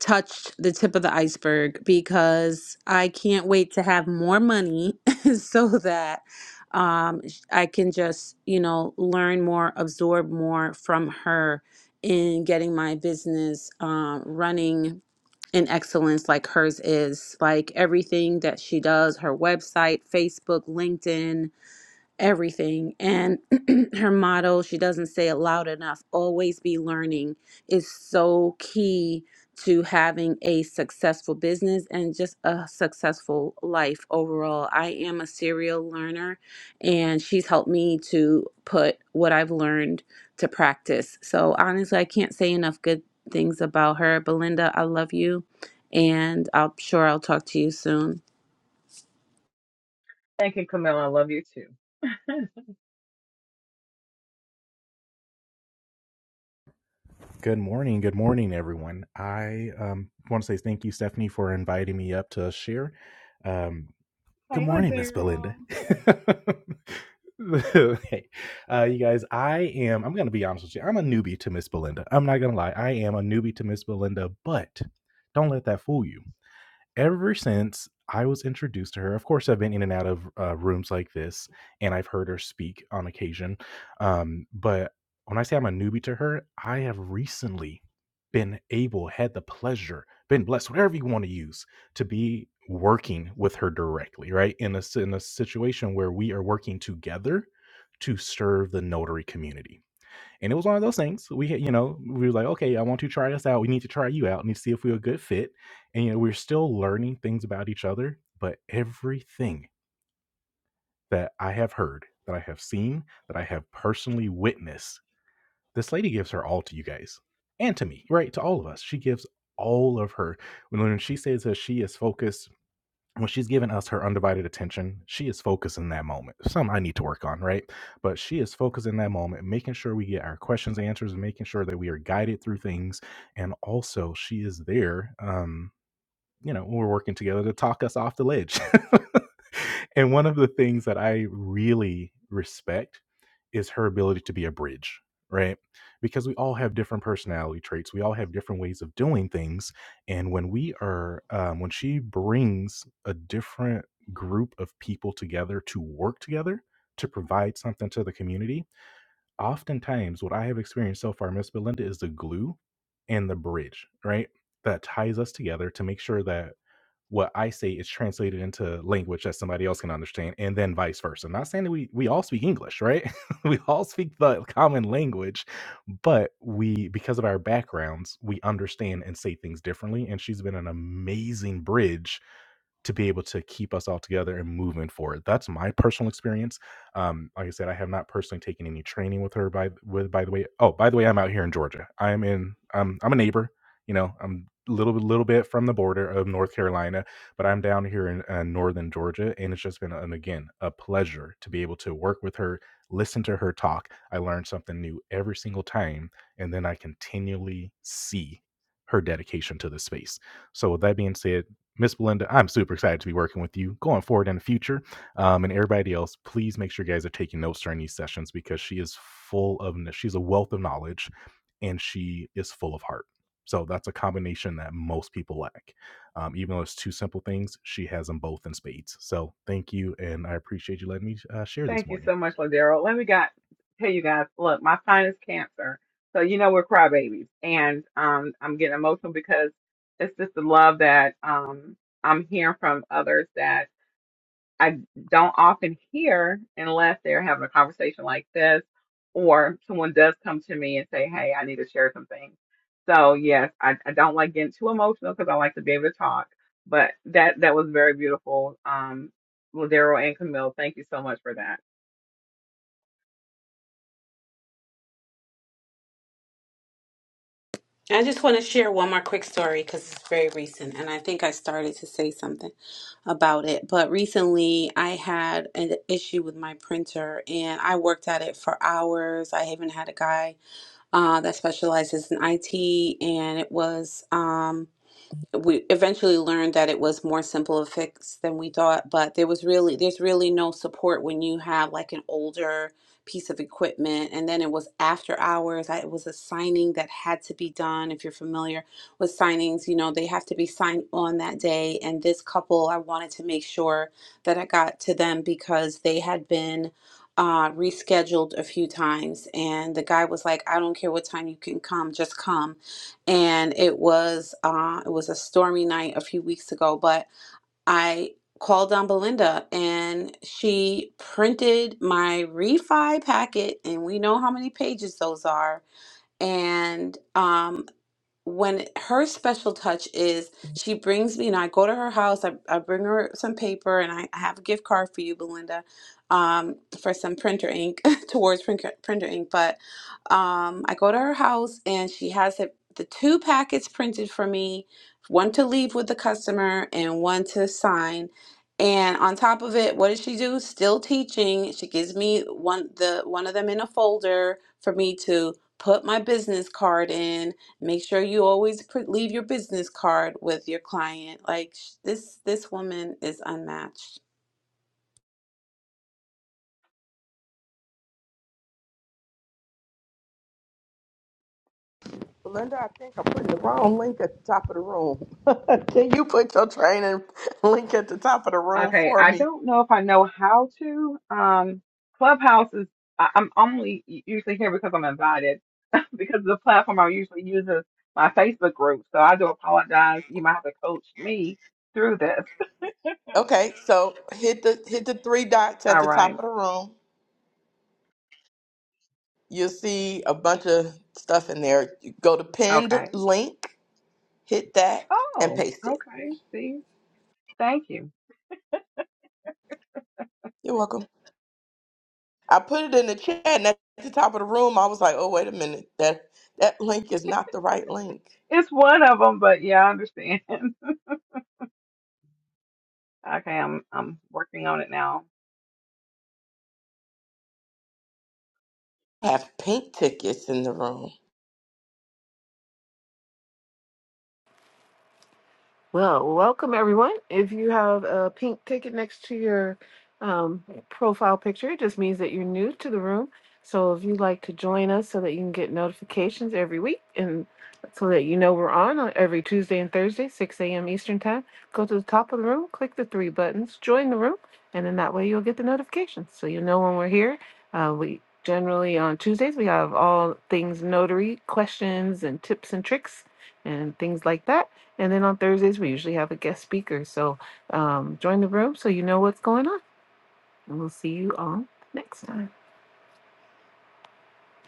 D: touched the tip of the iceberg because I can't wait to have more money so that um, sh- I can just, you know, learn more, absorb more from her in getting my business um, running in excellence like hers is. Like everything that she does, her website, Facebook, LinkedIn, everything. And her motto, she doesn't say it loud enough, always be learning is so key to having a successful business and just a successful life overall. I am a serial learner and she's helped me to put what I've learned to practice. So honestly, I can't say enough good things about her. Belinda, I love you and I'm sure I'll talk to you soon.
C: thank you camille i love you too
E: Good morning. Good morning, everyone. I um, want to say thank you, Stephanie, for inviting me up to share. Um, good
C: hey
E: morning, Miss Belinda.
C: daryl
E: hey, uh, you guys, I am, I'm going to be honest with you. I'm a newbie to Miss Belinda. I'm not going to lie. I am a newbie to Miss Belinda, but don't let that fool you. Ever since I was introduced to her, of course, I've been in and out of uh, rooms like this, and I've heard her speak on occasion. Um, but when I say I'm a newbie to her, I have recently been able, had the pleasure, been blessed, whatever you want to use, to be working with her directly, right? In a s- in a situation where we are working together to serve the notary community and it was one of those things. We had, you know, we were like, okay, I want to try this out. We need to try you out and see if we're a good fit. And you know, we're still learning things about each other. But everything that I have heard, that I have seen, that I have personally witnessed, this lady gives her all to you guys and to me, right? To all of us. She gives all of her. When when she says that she is focused when she's giving us her undivided attention, she is focusing that moment. Some I need to work on, right? But she is focusing that moment, making sure we get our questions answered, making sure that we are guided through things, and also she is there. Um, you know, we're working together to talk us off the ledge. and one of the things that I really respect is her ability to be a bridge, right? Because we all have different personality traits, we all have different ways of doing things. And when we are, um, when she brings a different group of people together to work together to provide something to the community, oftentimes what I have experienced so far, Miss Belinda, is the glue and the bridge, right? That ties us together to make sure that what I say is translated into language that somebody else can understand, and then vice versa. I'm Not saying that we we all speak English, right? we all speak the common language, but we because of our backgrounds, we understand and say things differently. And she's been an amazing bridge to be able to keep us all together and moving forward. That's my personal experience. Um, like I said, I have not personally taken any training with her. By with by the way, oh by the way, I'm out here in Georgia. I'm in. I'm I'm a neighbor. You know, I'm a little little bit from the border of North Carolina, but I'm down here in uh, northern Georgia, and it's just been an, again a pleasure to be able to work with her, listen to her talk. I learn something new every single time, and then I continually see her dedication to the space. So with that being said, Miss Belinda, I'm super excited to be working with you going forward in the future. Um, and everybody else, please make sure you guys are taking notes during these sessions because she is full of, she's a wealth of knowledge and she is full of heart. So that's a combination that most people lack. Um, even though it's two simple things, she has them both in spades. So thank you. And I appreciate you letting me uh, share this
C: thank you
E: morning.
C: so much daryl let me got tell you guys look my sign is cancer so you know we're crybabies and um, i'm getting emotional because it's just the love that um, i'm hearing from others that. I don't often hear unless they're having a conversation like this or someone does come to me and say, Hey, I need to share some things. So yes, I, I don't like getting too emotional because I like to be able to talk, but that, that was very beautiful. Um, Ladero and Camille, thank you so much for that.
D: I just want to share one more quick story because it's very recent, and I think I started to say something about it. But recently, I had an issue with my printer, and I worked at it for hours. I even had a guy uh, that specializes in IT, and it was um, we eventually learned that it was more simple a fix than we thought, but there was really there's really no support when you have like an older piece of equipment and then it was after hours. I, it was a signing that had to be done. If you're familiar with signings, you know, they have to be signed on that day and this couple I wanted to make sure that I got to them because they had been uh, rescheduled a few times and the guy was like, I don't care what time you can come, just come and it was uh, it was a stormy night a few weeks ago. But I called on Belinda, and she printed my refi packet, and we know how many pages those are. And um when her special touch is she brings me and I go to her house, I, I bring her some paper and I, I have a gift card for you, Belinda, um, for some printer ink towards printer, printer ink. But um, I go to her house and she has it, the two packets printed for me, one to leave with the customer and one to sign. And on top of it, what does she do? Still teaching. She gives me one the one of them in a folder for me to put my business card in Make sure you always pr- leave your business card with your client. Like sh- this this woman is unmatched.
A: Belinda, I think I'm putting the wrong link at the top of the room. Can you put your training link at the top of the room
C: Okay,
A: for
C: I
A: me?
C: don't know if I know how to. Um, Clubhouse is, I, I'm only usually here because I'm invited, because the platform I usually use is my Facebook group. So I do apologize. You might have to coach me through this.
A: Okay, so hit the hit the three dots at
C: All
A: the top
C: right.
A: of the room You'll see a bunch of stuff in there. You go to pinned
C: Okay.
A: link, hit that, and
C: Oh,
A: paste it.
C: okay. See, thank you.
A: You're welcome. I put it in the chat, and at the top of the room, I was like, "Oh, wait a minute that that link is not the right link."
C: It's one of them, but yeah, I understand. Okay, I'm I'm working on it now.
A: Have pink tickets in the room.
B: Well, welcome everyone. If you have a pink ticket next to your um, profile picture, it just means that you're new to the room. So if you'd like to join us so that you can get notifications every week and so that you know we're on on every Tuesday and Thursday, 6 a.m. Eastern Time, go to the top of the room, click the three buttons, join the room, and then that way you'll get the notifications. So you'll know when we're here. Uh, we generally on Tuesdays, we have all things notary questions and tips and tricks and things like that. And then on Thursdays, we usually have a guest speaker. So um, join the room so you know what's going on. And we'll see you all next time.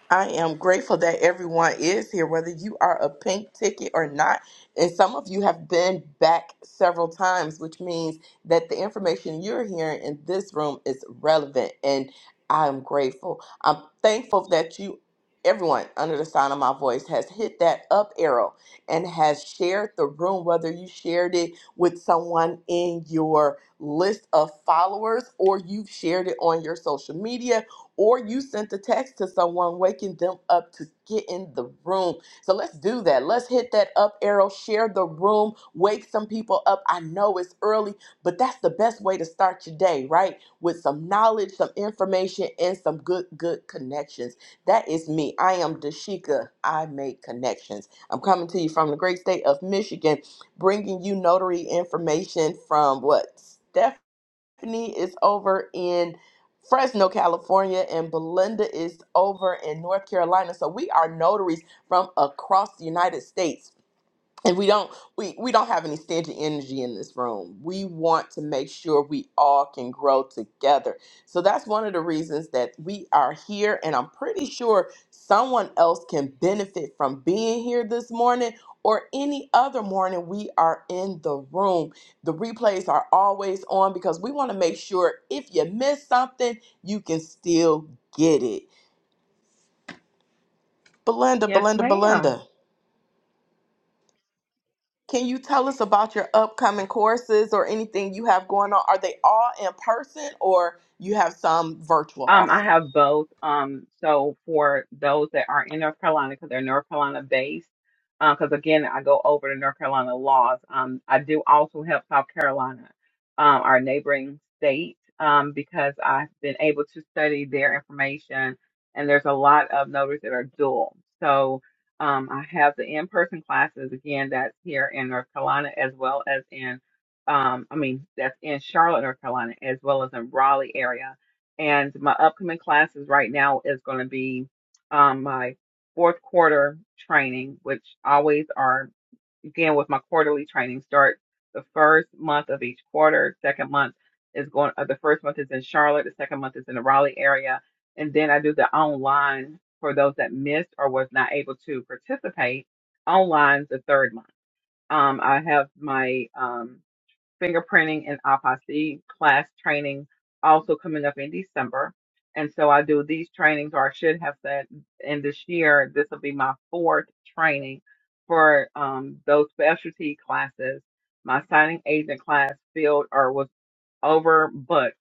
A: I am grateful that everyone is here, whether you are a pink ticket or not. And some of you have been back several times, which means that the information you're hearing in this room is relevant. And I'm grateful. I'm thankful that you, everyone under the sound of my voice, has hit that up arrow and has shared the room, whether you shared it with someone in your list of followers or you've shared it on your social media or you sent a text to someone waking them up to get in the room. So let's do that. Let's hit that up arrow, share the room, wake some people up. I know it's early, but that's the best way to start your day, right? With some knowledge, some information, and some good, good connections. That is me. I am Dashika. I make connections. I'm coming to you from the great state of Michigan, bringing you notary information from what? Steph. Stephanie is over in Fresno, California, and Belinda is over in North Carolina. So we are notaries from across the United States and we don't we we don't have any stingy energy in this room we want to make sure we all can grow together so that's one of the reasons that we are here and i'm pretty sure someone else can benefit from being here this morning or any other morning we are in the room the replays are always on because we want to make sure if you miss something you can still get it belinda
C: Yes,
A: belinda
C: ma'am.
A: belinda Can you tell us about your upcoming courses or anything you have going on? Are they all in person or you have some virtual
C: Um, I
A: also?
C: have both. Um, so for those that are in North Carolina, because they're North Carolina based, because again, I go over to North Carolina laws. Um, I do also help South Carolina, um, our neighboring state, um, because I've been able to study their information, and there's a lot of notaries that are dual. So um, I have the in-person classes again that's here in North Carolina as well as in, um, I mean that's in Charlotte, North Carolina, as well as in Raleigh area and my upcoming classes right now is going to be um, my fourth quarter training, which always are again with my quarterly training start the first month of each quarter. Second month is going. Uh, the first month is in Charlotte. The second month is in the Raleigh area, and then I do the online for those that missed or was not able to participate online the third month. Um, I have my um, fingerprinting and autopsy class training also coming up in December. And so I do these trainings, or I should have said, in this year, this will be my fourth training for um, those specialty classes. My signing agent class field, or was overbooked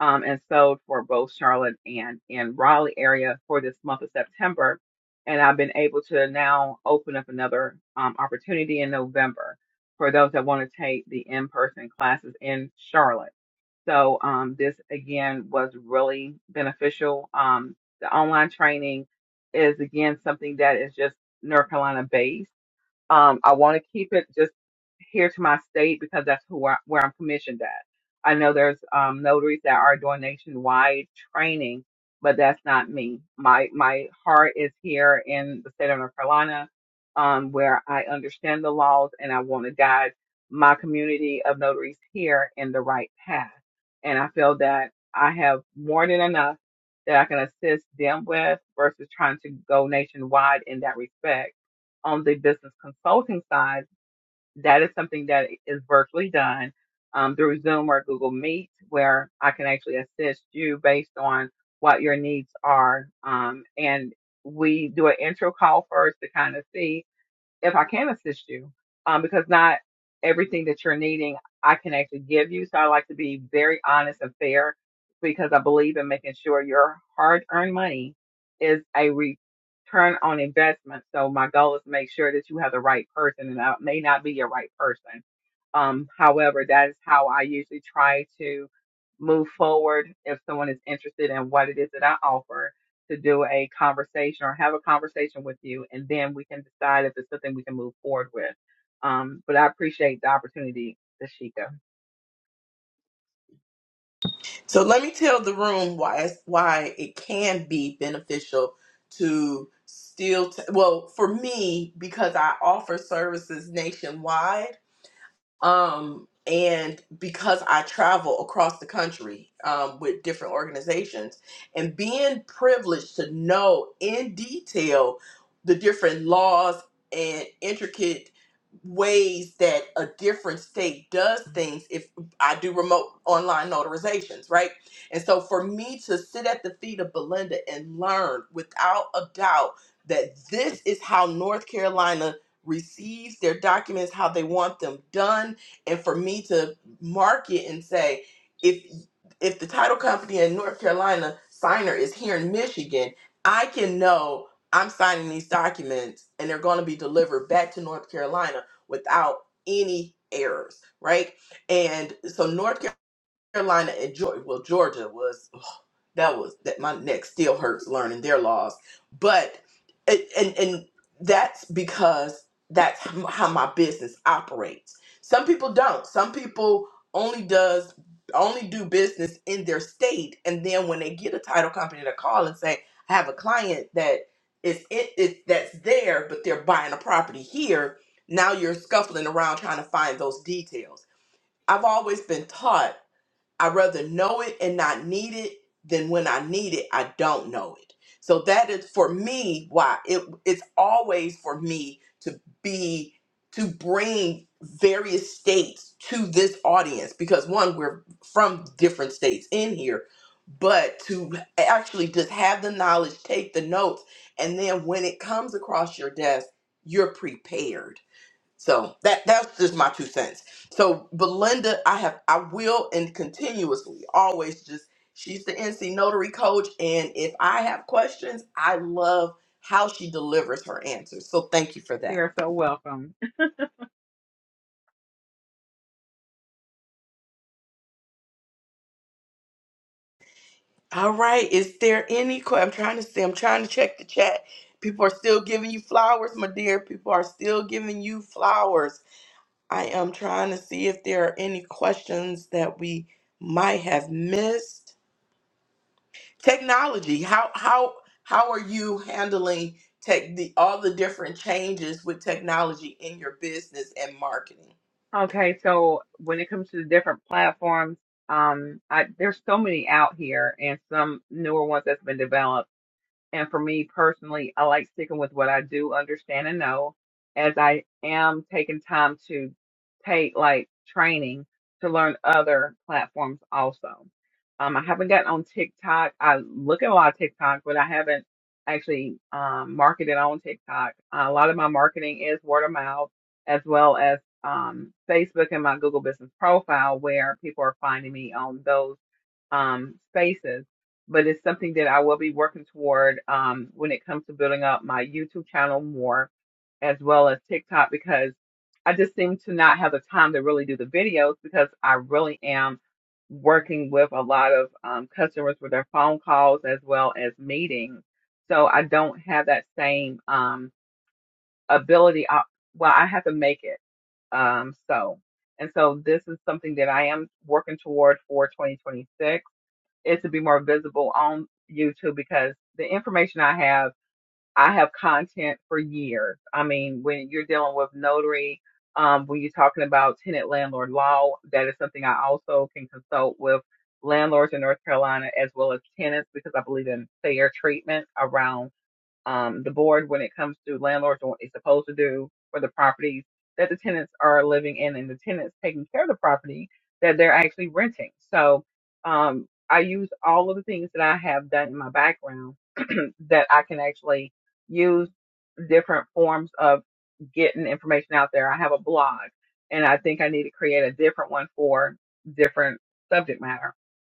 C: um, and sold for both Charlotte and in Raleigh area for this month of September. And I've been able to now open up another um, opportunity in November for those that want to take the in-person classes in Charlotte. So um, this again was really beneficial. Um, the online training is again something that is just North Carolina based um, I want to keep it just here to my state because that's who I, where I'm commissioned at. I know there's um, notaries that are doing nationwide training, but that's not me. My my heart is here in the state of North Carolina, um, where I understand the laws and I want to guide my community of notaries here in the right path. And I feel that I have more than enough that I can assist them with versus trying to go nationwide in that respect on the business consulting side, that is something that is virtually done um, through Zoom or Google Meet, where I can actually assist you based on what your needs are. Um, and we do an intro call first to kind of see if I can assist you, um, because not everything that you're needing I can actually give you. So I like to be very honest and fair because I believe in making sure your hard earned money is a return on investment. So my goal is to make sure that you have the right person and I may not be your right person. Um, however, that is how I usually try to move forward if someone is interested in what it is that I offer to do a conversation or have a conversation with you, and then we can decide if it's something we can move forward with. Um, but I appreciate the opportunity, Tashika.
A: So let me tell the room why it's, why it can be beneficial to still t- well for me because I offer services nationwide. Um, and because I travel across the country um, with different organizations and being privileged to know in detail the different laws and intricate ways that a different state does things if I do remote online notarizations, right? And so for me to sit at the feet of Belinda and learn without a doubt that this is how North Carolina receives their documents how they want them done and for me to mark it and say if if the title company in North Carolina signer is here in Michigan, I can know I'm signing these documents and they're going to be delivered back to North Carolina without any errors, right? And so North Carolina Carolina and Georgia, well, Georgia was ugh, that was that my neck still hurts learning their laws, but it, and and that's because that's h- how my business operates. Some people don't. Some people only does only do business in their state, and then when they get a title company to call and say, "I have a client that is it, it that's there, but they're buying a property here." Now you're scuffling around trying to find those details. I've always been taught I'd rather know it and not need it than when I need it, I don't know it. So that is for me why it it's always for me to be to bring various states to this audience because one, we're from different states in here, but to actually just have the knowledge, take the notes, and then when it comes across your desk, you're prepared so that that's just my two cents. So Belinda, I have I will and continuously always just she's the NC notary coach and if I have questions, I love how she delivers her answers. So thank you for
C: You
A: that.
C: are so welcome.
A: All right, is there any que- I'm trying to see I'm trying to check the chat. People are still giving you flowers, my dear. People are still giving you flowers. I am trying to see if there are any questions that we might have missed. technology how how how are you handling tech the all the different changes with technology in your business and marketing
C: Okay, so when it comes to the different platforms, um, I, there's so many out here, and some newer ones that's been developed And for me personally, I like sticking with what I do understand and know as I am taking time to take like training to learn other platforms also. Um, I haven't gotten on TikTok. I look at a lot of TikTok, but I haven't actually um, marketed on TikTok. Uh, a lot of my marketing is word of mouth as well as um, Facebook and my Google business profile where people are finding me on those um, spaces, but it's something that I will be working toward um, when it comes to building up my YouTube channel more, as well as TikTok, because I just seem to not have the time to really do the videos because I really am working with a lot of um, customers with their phone calls as well as meetings. So I don't have that same um, ability. I, well, I have to make it. Um, so, and so this is something that I am working toward for 2026 is to be more visible on YouTube because the information I have, I have content for years. I mean, when you're dealing with notary, um, when you're talking about tenant landlord law, that is something I also can consult with landlords in North Carolina as well as tenants because I believe in fair treatment around um, the board when it comes to landlords and what they're supposed to do for the properties that the tenants are living in and the tenants taking care of the property that they're actually renting. So um, I use all of the things that I have done in my background that I can actually use different forms of getting information out there. I have a blog and I think I need to create a different one for different subject matter.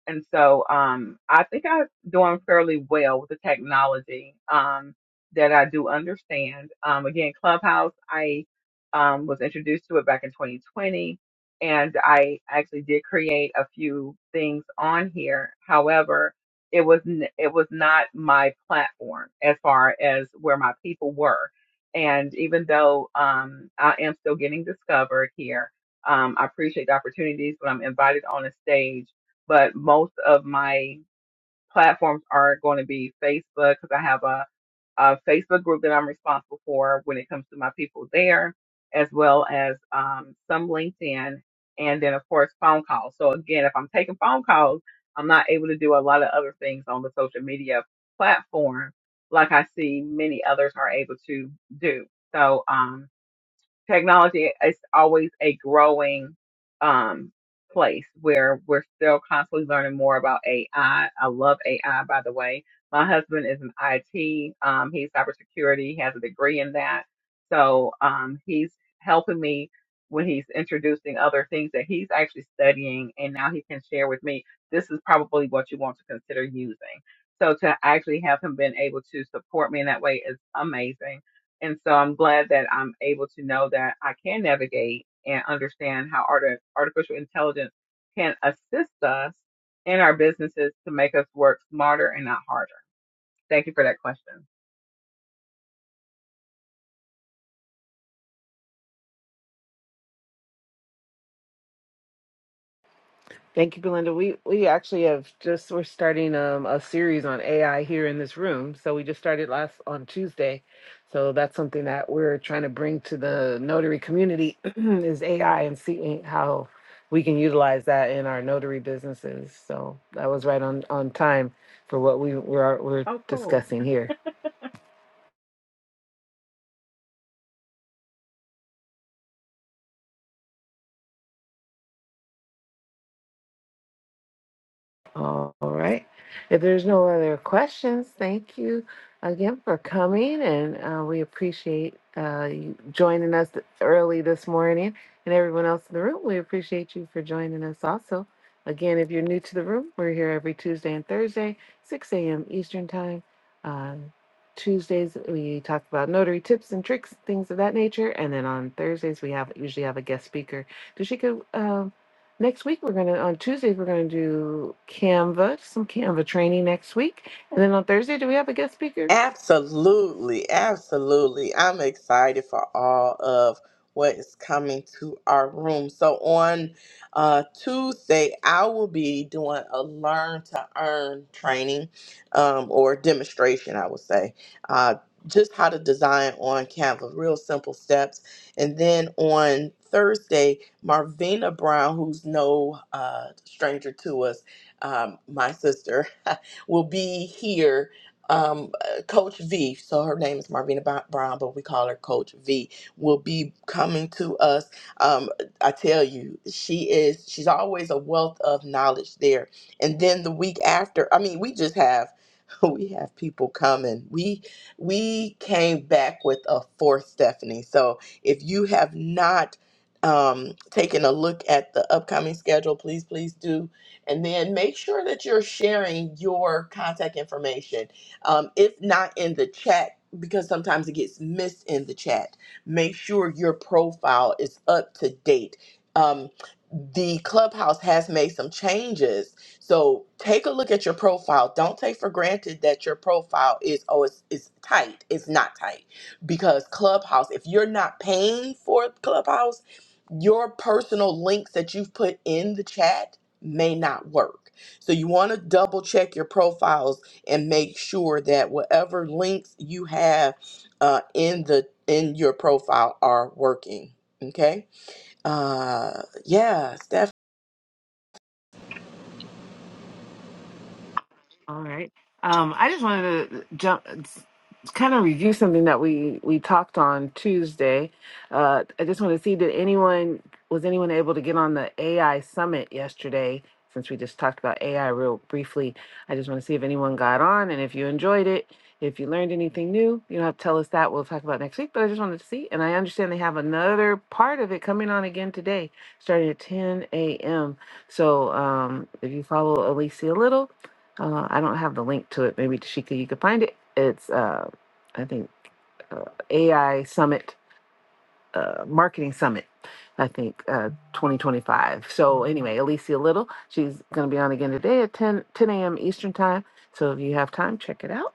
C: And so um, I think I'm doing fairly well with the technology. Um, that I do understand. Um, again, Clubhouse, I um, was introduced to it back in 2020, and I actually did create a few things on here. However, it was n- it was not my platform as far as where my people were. And even though um, I am still getting discovered here, um, I appreciate the opportunities when I'm invited on a stage. But most of my platforms are going to be Facebook because I have a, a Facebook group that I'm responsible for when it comes to my people there, as well as um, some LinkedIn, and then of course phone calls. So again, if I'm taking phone calls, I'm not able to do a lot of other things on the social media platform like I see many others are able to do. So um, technology is always a growing um, place where we're still constantly learning more about AI. I I love AI, by the way. My husband is an IT. Um, he's cybersecurity. He has a degree in that. So um, he's helping me when he's introducing other things that he's actually studying, and now he can share with me. This is probably what you want to consider using. So to actually have him been able to support me in that way is amazing and so I'm glad that I'm able to know that I can navigate and understand how arti- artificial intelligence can assist us in our businesses to make us work smarter and not harder. Thank you for that question.
B: Thank you, Belinda. We we actually have just we're starting um, a series on AI here in this room. So we just started last on Tuesday. So that's something that we're trying to bring to the notary community is AI and seeing how we can utilize that in our notary businesses. So that was right on on time for what we we're we're
C: Oh, cool.
B: discussing here. All right. If there's no other questions, thank you again for coming, and uh, we appreciate uh, you joining us early this morning. And everyone else in the room, we appreciate you for joining us also. Again, if you're new to the room, we're here every Tuesday and Thursday, 6 a.m. Eastern Time. On Tuesdays, we talk about notary tips and tricks, things of that nature. And then on Thursdays, we have usually have a guest speaker. Dashika, um next week we're gonna on Tuesdays we're gonna do Canva, some Canva training next week, and then on Thursday do we have a guest speaker?
A: Absolutely, absolutely. I'm excited for all of what is coming to our room. So on uh, Tuesday, I will be doing a learn to earn training um, or demonstration, I would say. Uh, just how to design on Canva, real simple steps. And then on Thursday, Marvina Brown, who's no uh, stranger to us, um, my sister, will be here Um, uh, Coach V, so her name is Marvina Bo- Brown, but we call her Coach V, will be coming to us. Um, I tell you, she is, she's always a wealth of knowledge there. And then the week after, I mean, we just have, we have people coming. We, we came back with a fourth Stephanie. So if you have not, um, taken a look at the upcoming schedule, please, please do. And then make sure that you're sharing your contact information um, if not in the chat, because sometimes it gets missed in the chat, make sure your profile is up to date. Um, the clubhouse has made some changes so take a look at your profile don't take for granted that your profile is oh it's, it's tight it's not tight because clubhouse if you're not paying for clubhouse your personal links that you've put in the chat may not work so you want to double check your profiles and make sure that whatever links you have uh, in the in your profile are working. Okay. Uh, yeah, Steph.
B: All right. Um, I just wanted to uh, jump, kind of review something that we we talked on Tuesday. Uh, I just want to see did anyone was anyone able to get on the AI summit yesterday? Since we just talked about AI real briefly, I just want to see if anyone got on and if you enjoyed it, if you learned anything new. You don't have to tell us that. We'll talk about next week. But I just wanted to see, and I understand they have another part of it coming on again today, starting at 10 a.m. So um, if you follow Alicia Little uh, I don't have the link to it. Maybe Tashika, you could find it. It's uh, I think uh, AI Summit, uh, Marketing Summit, I think, uh, 2025. So, anyway, Alicia Little, she's going to be on again today at 10, 10 a.m. Eastern Time. So, if you have time, check it out.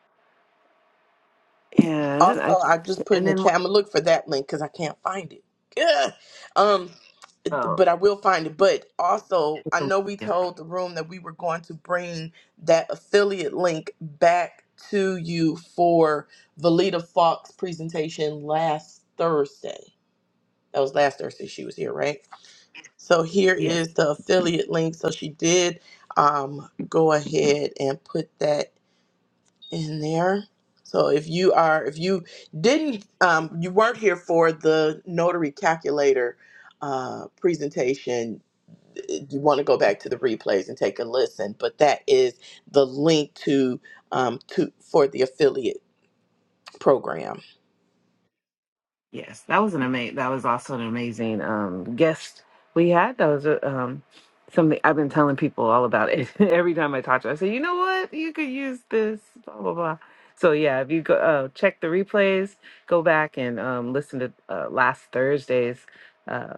B: And
A: Also,
B: I,
A: I just put
B: and
A: in the
B: then,
A: chat. I'm gonna look for that link because I can't find it. Ugh. Um,
B: oh,
A: but I will find it. But also, I know we told the room that we were going to bring that affiliate link back to you for Valita Fox presentation last Thursday. That was last Thursday she was here, right? So here
B: yes.
A: is the affiliate link. So she did um, go ahead and put that in there. So if you are, if you didn't, um, you weren't here for the notary calculator uh, presentation, uh, you want to go back to the replays and take a listen. But that is the link to um, to for the affiliate program.
B: Yes, that was an amazing. That was also an amazing um, guest we had. That was uh, um, something I've been telling people all about it. Every time I talk to, her, I say, you know what, you could use this, blah blah blah. So yeah, if you go uh, check the replays, go back and um, listen to uh, last Thursday's. uh,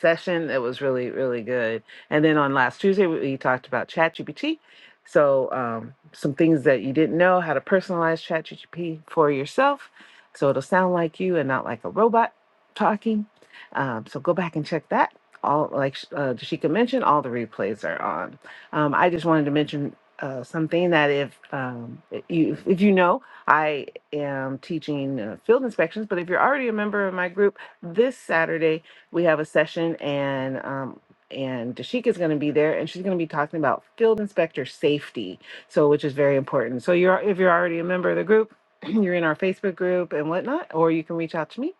B: session. It was really, really good. And then on last Tuesday, we we talked about ChatGPT. So, um, some things that you didn't know how to personalize ChatGPT for yourself. So, it'll sound like you and not like a robot talking. Um, so, go back and check that. All, like sh- uh, Dashika mentioned, all the replays are on. Um, I just wanted to mention uh, something that if um, you if you know, I am teaching uh, field inspections. But if you're already a member of my group, this Saturday we have a session and um and Dashika is going to be there and she's going to be talking about field inspector safety so which is very important so you're if you're already a member of the group you're in our facebook group and whatnot or you can reach out to me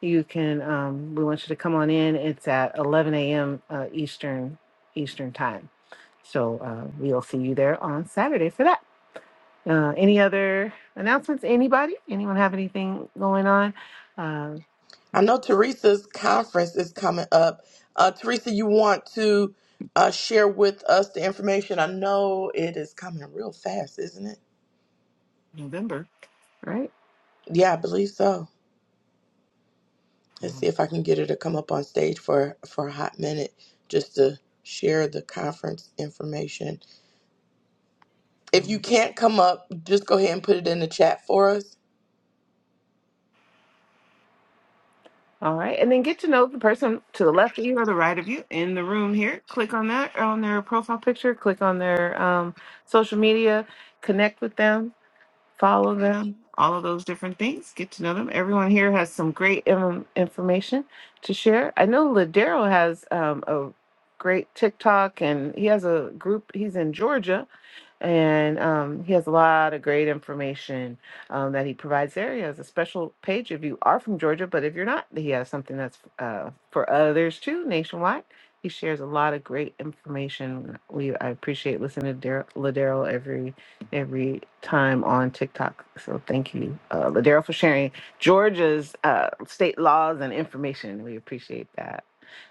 B: you can um, we want you to come on in it's at 11 a.m uh, eastern eastern time so uh, we'll see you there on saturday for that uh, any other announcements anybody anyone have anything going on uh,
A: I know Teresa's conference is coming up. Uh, Teresa, you want to uh, share with us the information? I know it is coming real fast, isn't it?
B: right
A: Yeah, I believe so. Let's see if I can get her to come up on stage for for a hot minute just to share the conference information. If you can't come up, just go ahead and put it in the chat for us.
B: All right, and then get to know the person to the left of you or the right of you in the room here. Click on that on their profile picture. Click on their um, social media. Connect with them. Follow them. All of those different things. Get to know them. Everyone here has some great um, information to share. I know Ladero has um, a great TikTok, and he has a group. He's in Georgia, and um, he has a lot of great information um, that he provides there. He has a special page if you are from Georgia, but if you're not, he has something that's uh, for others too, nationwide. He shares a lot of great information. We I appreciate listening to Dar- Ladero every every time on TikTok. So thank you, uh, Ladero, for sharing Georgia's uh, state laws and information. We appreciate that.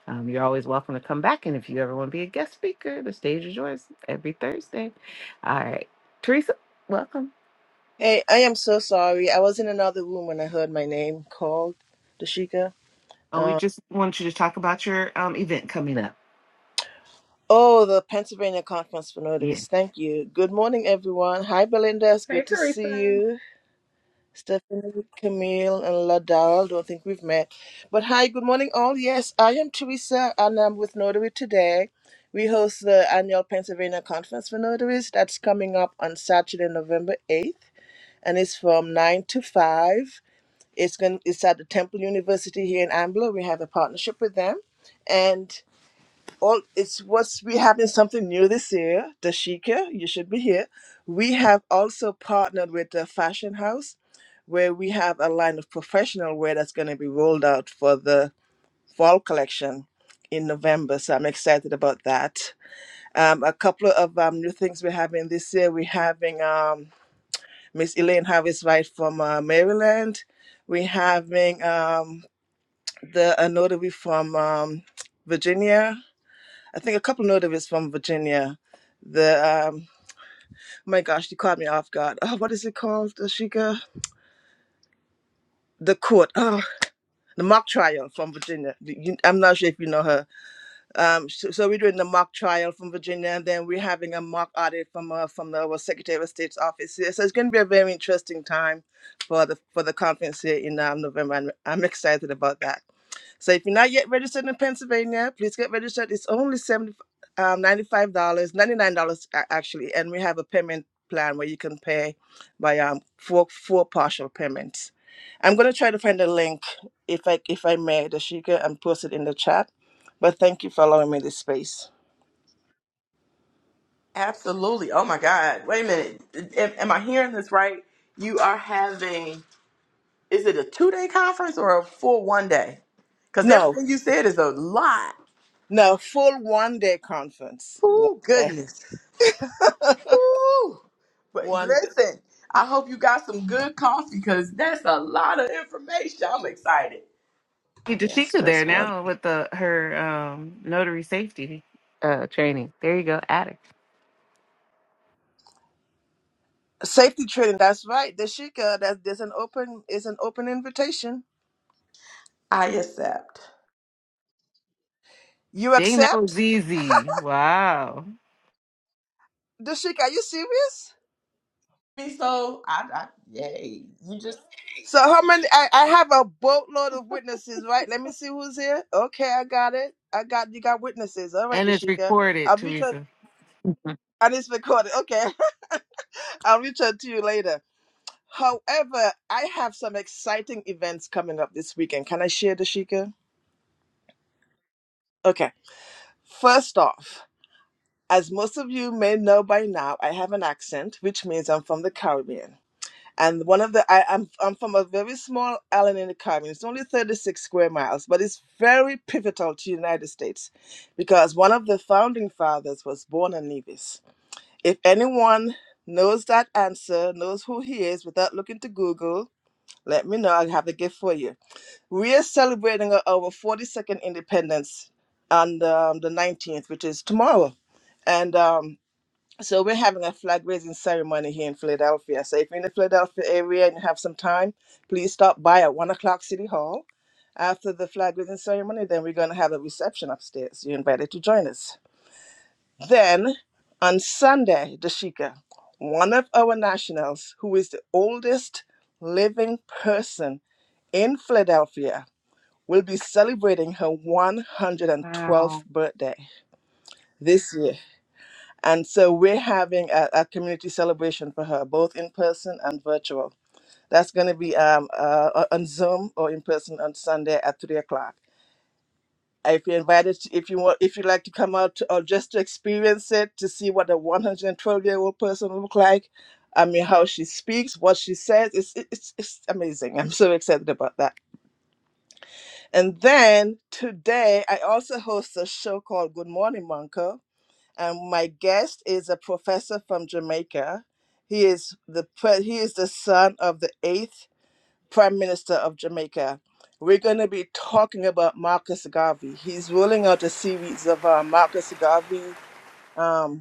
B: Um, you're always welcome to come back, and if you ever want to be a guest speaker, the stage is yours every Thursday. All right. Teresa, welcome.
F: Hey, I am so sorry. I was in another room when I heard my name called, Dashika.
B: Oh, we
F: Uh,
B: just wanted you to talk about your um event coming up.
F: oh, the Pennsylvania Conference for
B: Yeah.
F: Notaries. Thank you. Good morning, everyone. Hi, Belinda. It's
C: Hey,
F: good to see
C: Teresa.
F: you. Stephanie, Camille, and Ladal. Don't think we've met. But hi, good morning, all. Yes, I am Teresa, and I'm with Notary today. We host the annual Pennsylvania Conference for Notaries that's coming up on Saturday, November 8th, and it's from 9 to 5 It's going. It's at the Temple University here in Ambler. We have a partnership with them, and all. It's what's we having something new this year. Dashika, you should be here. We have also partnered with a fashion house, where we have a line of professional wear that's going to be rolled out for the fall collection in November. So I'm excited about that. Um, a couple of um, new things we're having this year. We're having um, Miss Elaine Harvest White from uh, Maryland. We're having. um, the a notary from um, Virginia. I think a couple notaries from Virginia. The um, oh my gosh, you caught me off guard. Oh, what is it called, Ashika? The court, oh, the mock trial from Virginia. you- I'm not sure if you know her. Um, so, so we're doing the mock trial from Virginia, and then we're having a mock audit from uh, from the our Secretary of State's office here. So it's going to be a very interesting time for the for the conference here in um, November, and I'm excited about that. So if you're not yet registered in Pennsylvania, please get registered. It's only 70, um, $95, dollars, $99 a- actually. And we have a payment plan where you can pay by um, four, four partial payments. I'm going to try to find a link if I, if I may, Dashika, and post it in the chat. But thank you for allowing me this space.
A: Absolutely. Oh my God. Wait a minute. Am, am I hearing this right? You are having Is it a two day conference or a full one day? Because
F: No,
A: everything you said is a lot.
F: no, full one day conference. One
A: Oh,
F: day.
A: goodness. Ooh. But
F: One day.
A: listen, I hope you got some good coffee because that's a lot of information. I'm excited.
F: Yes,
B: Dashika there
F: just one.
B: now with the her um notary safety uh training. There you go, Attic.
F: Safety training. That's right, Dashika. That there's an open is an open invitation.
A: I accept.
F: You
B: Dang, that was
F: accept?
B: easy. Wow.
F: Dashika, are you serious?
A: Me so I, I yay. You just
F: So how many I, I have a boatload of witnesses, right? Let me see who's here. Okay, I got it. I got you got witnesses. All right,
B: And it's
F: Dashika.
B: recorded,
F: I'll reach out
B: Teresa.
F: and it's recorded. Okay. I'll reach out to you later. However, I have some exciting events coming up this weekend. Can I share Dashika? Okay. First off, as most of you may know by now, I have an accent, which means I'm from the Caribbean. And one of the I, I'm I'm from a very small island in the Caribbean. It's only 36 square miles, but it's very pivotal to the United States because one of the founding fathers was born in Nevis. If anyone knows that answer, knows who he is without looking to Google, let me know. I'll have the gift for you. We are celebrating our our 42nd independence on um, the 19th, which is tomorrow. And um, so we're having a flag raising ceremony here in Philadelphia. So if you're in the Philadelphia area and you have some time, please stop by at one o'clock City Hall. After the flag raising ceremony, then we're going to have a reception upstairs. You're invited to join us. Then on Sunday, Dashika, one of our nationals who is the oldest living person in Philadelphia, will be celebrating her 112th
C: Wow.
F: birthday this year. And so we're having a, a community celebration for her, both in person and virtual. That's going to be um, uh, on Zoom or in person on Sunday at three o'clock. If you're invited, to- if you want, if you'd like to come out to- or just to experience it, to see what a 112 year old person will look like, I mean, how she speaks, what she says, it's, it's it's amazing. I'm so excited about that. And then today, I also host a show called Good Morning Monco and my guest is a professor from Jamaica. He is the pre- he is the son of the eighth prime minister of Jamaica. We're going to be talking about Marcus Garvey. He's rolling out a series of uh, Marcus Garvey. Um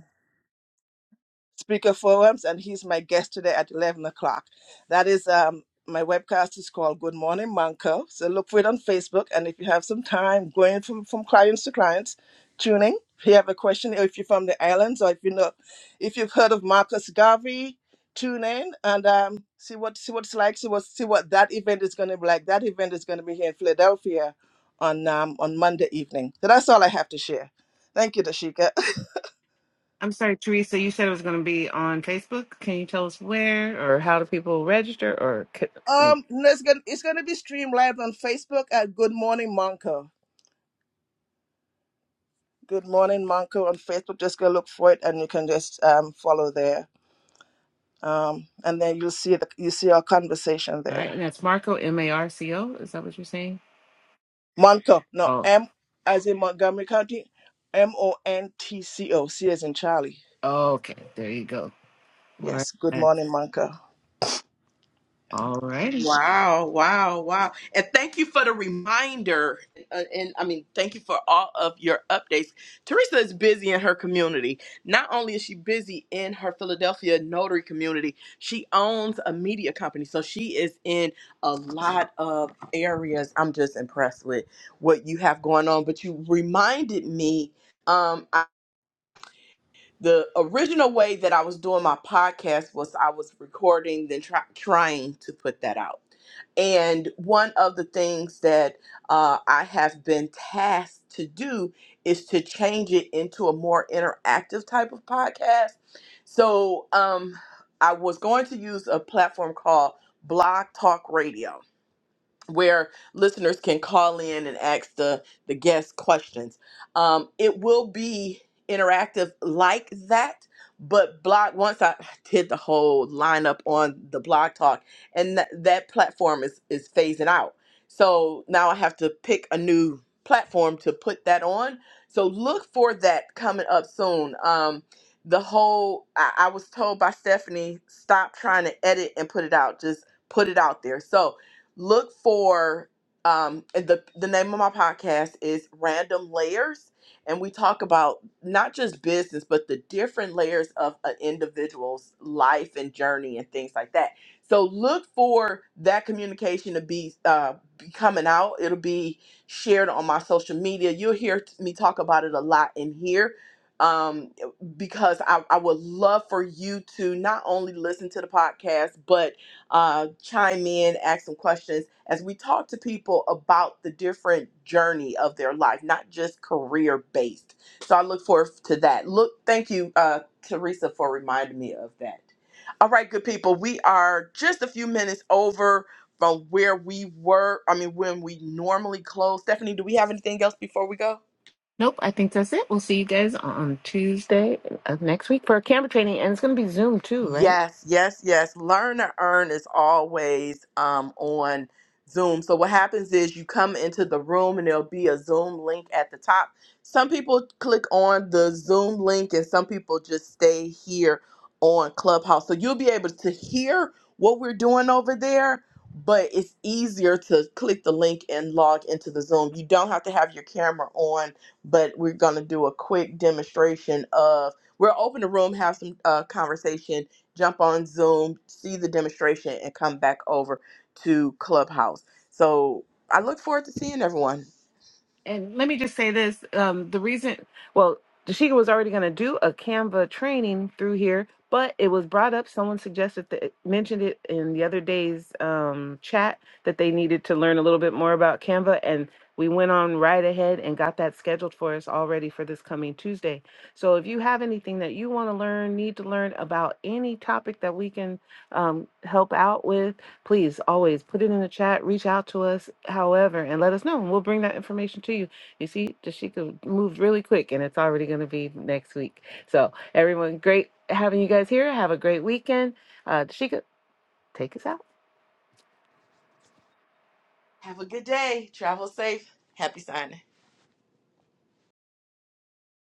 F: speaker forums, and he's my guest today at 11 o'clock. That is um, my webcast is called Good Morning Manco. So look for it on Facebook, and if you have some time going from, from clients to clients, tuning. If you have a question, or if you're from the islands, or if you know, if you've heard of Marcus Garvey, tune in and um, see what see what it's like. See what see what that event is going to be like. That event is going to be here in Philadelphia on um, on Monday evening. So that's all I have to share. Thank you, Dashika.
B: I'm sorry, Teresa, you said it was going to be on Facebook. Can you tell us where or how do people register or c- mm.
F: Um, no, it's gonna it's gonna be streamed live on Facebook at Good Morning Monco. Good Morning Monco on Facebook. Just go look for it, and you can just um follow there. Um, and then you'll see the you see our conversation
B: All right,
F: there.
B: and that's Marco M A R C O. Is that what you're saying?
F: Monco, no
B: Oh,
F: M as in Montgomery County, M O N T C O, C as in Charlie.
B: okay. There you go. All
F: Yes, Good
B: right.
F: Morning Monco.
B: All right.
A: Wow, wow, wow. And thank you for the reminder. Uh, and I mean, thank you for all of your updates. Teresa is busy in her community. Not only is she busy in her Philadelphia notary community, she owns a media company. So she is in a lot of areas. I'm just impressed with what you have going on. But you reminded me. Um, the original way that I was doing my podcast was I was recording, then try, trying to put that out. And one of the things that uh, I have been tasked to do is to change it into a more interactive type of podcast. So um, I was going to use a platform called Blog Talk Radio where listeners can call in and ask the the guest questions. Um, it will be interactive like that, but blog once I did the whole lineup on the blog talk, and th- that platform is is phasing out. So now I have to pick a new platform to put that on. So look for that coming up soon. Um, the whole I, I was told by Stephanie, stop trying to edit and put it out. Just put it out there. So look for um and the the name of my podcast is Random Layers and we talk about not just business but the different layers of an individual's life and journey and things like that. So look for that communication to be uh be coming out. It'll be shared on my social media. You'll hear t- me talk about it a lot in here. Um, because I, I would love for you to not only listen to the podcast, but uh, chime in, ask some questions as we talk to people about the different journey of their life, not just career based. So I look forward to that. Look, thank you, uh, Teresa, for reminding me of that. All right, good people, we are just a few minutes over from where we were. I mean, when we normally close. Stephanie, do we have anything else before we go?
B: Nope, I think that's it. We'll see you guys on Tuesday of next week for our camera training. And it's going to be Zoom too, right?
A: Yes, yes, yes. Learn to earn is always um, on Zoom. So what happens is you come into the room and there'll be a Zoom link at the top. Some people click on the Zoom link and some people just stay here on Clubhouse. So you'll be able to hear what we're doing over there, but it's easier to click the link and log into the Zoom. You don't have to have your camera on, but we're going to do a quick demonstration of we'll open the room, have some uh, conversation jump on Zoom, see the demonstration, and come back over to Clubhouse. So I look forward to seeing everyone.
B: And let me just say this: um, the reason, well, Dashika was already going to do a Canva training through here, but it was brought up. Someone suggested that mentioned it in the other day's um, chat that they needed to learn a little bit more about Canva, and we went on right ahead and got that scheduled for us already for this coming Tuesday. So if you have anything that you want to learn, need to learn about any topic that we can um, help out with please always put it in the chat, reach out to us, however, and let us know. And we'll bring that information to you. You see, Dashika moved really quick and it's already going to be next week. So, everyone, great having you guys here. Have a great weekend. Uh, Dashika, take us out.
A: Have a good day. Travel safe. Happy signing.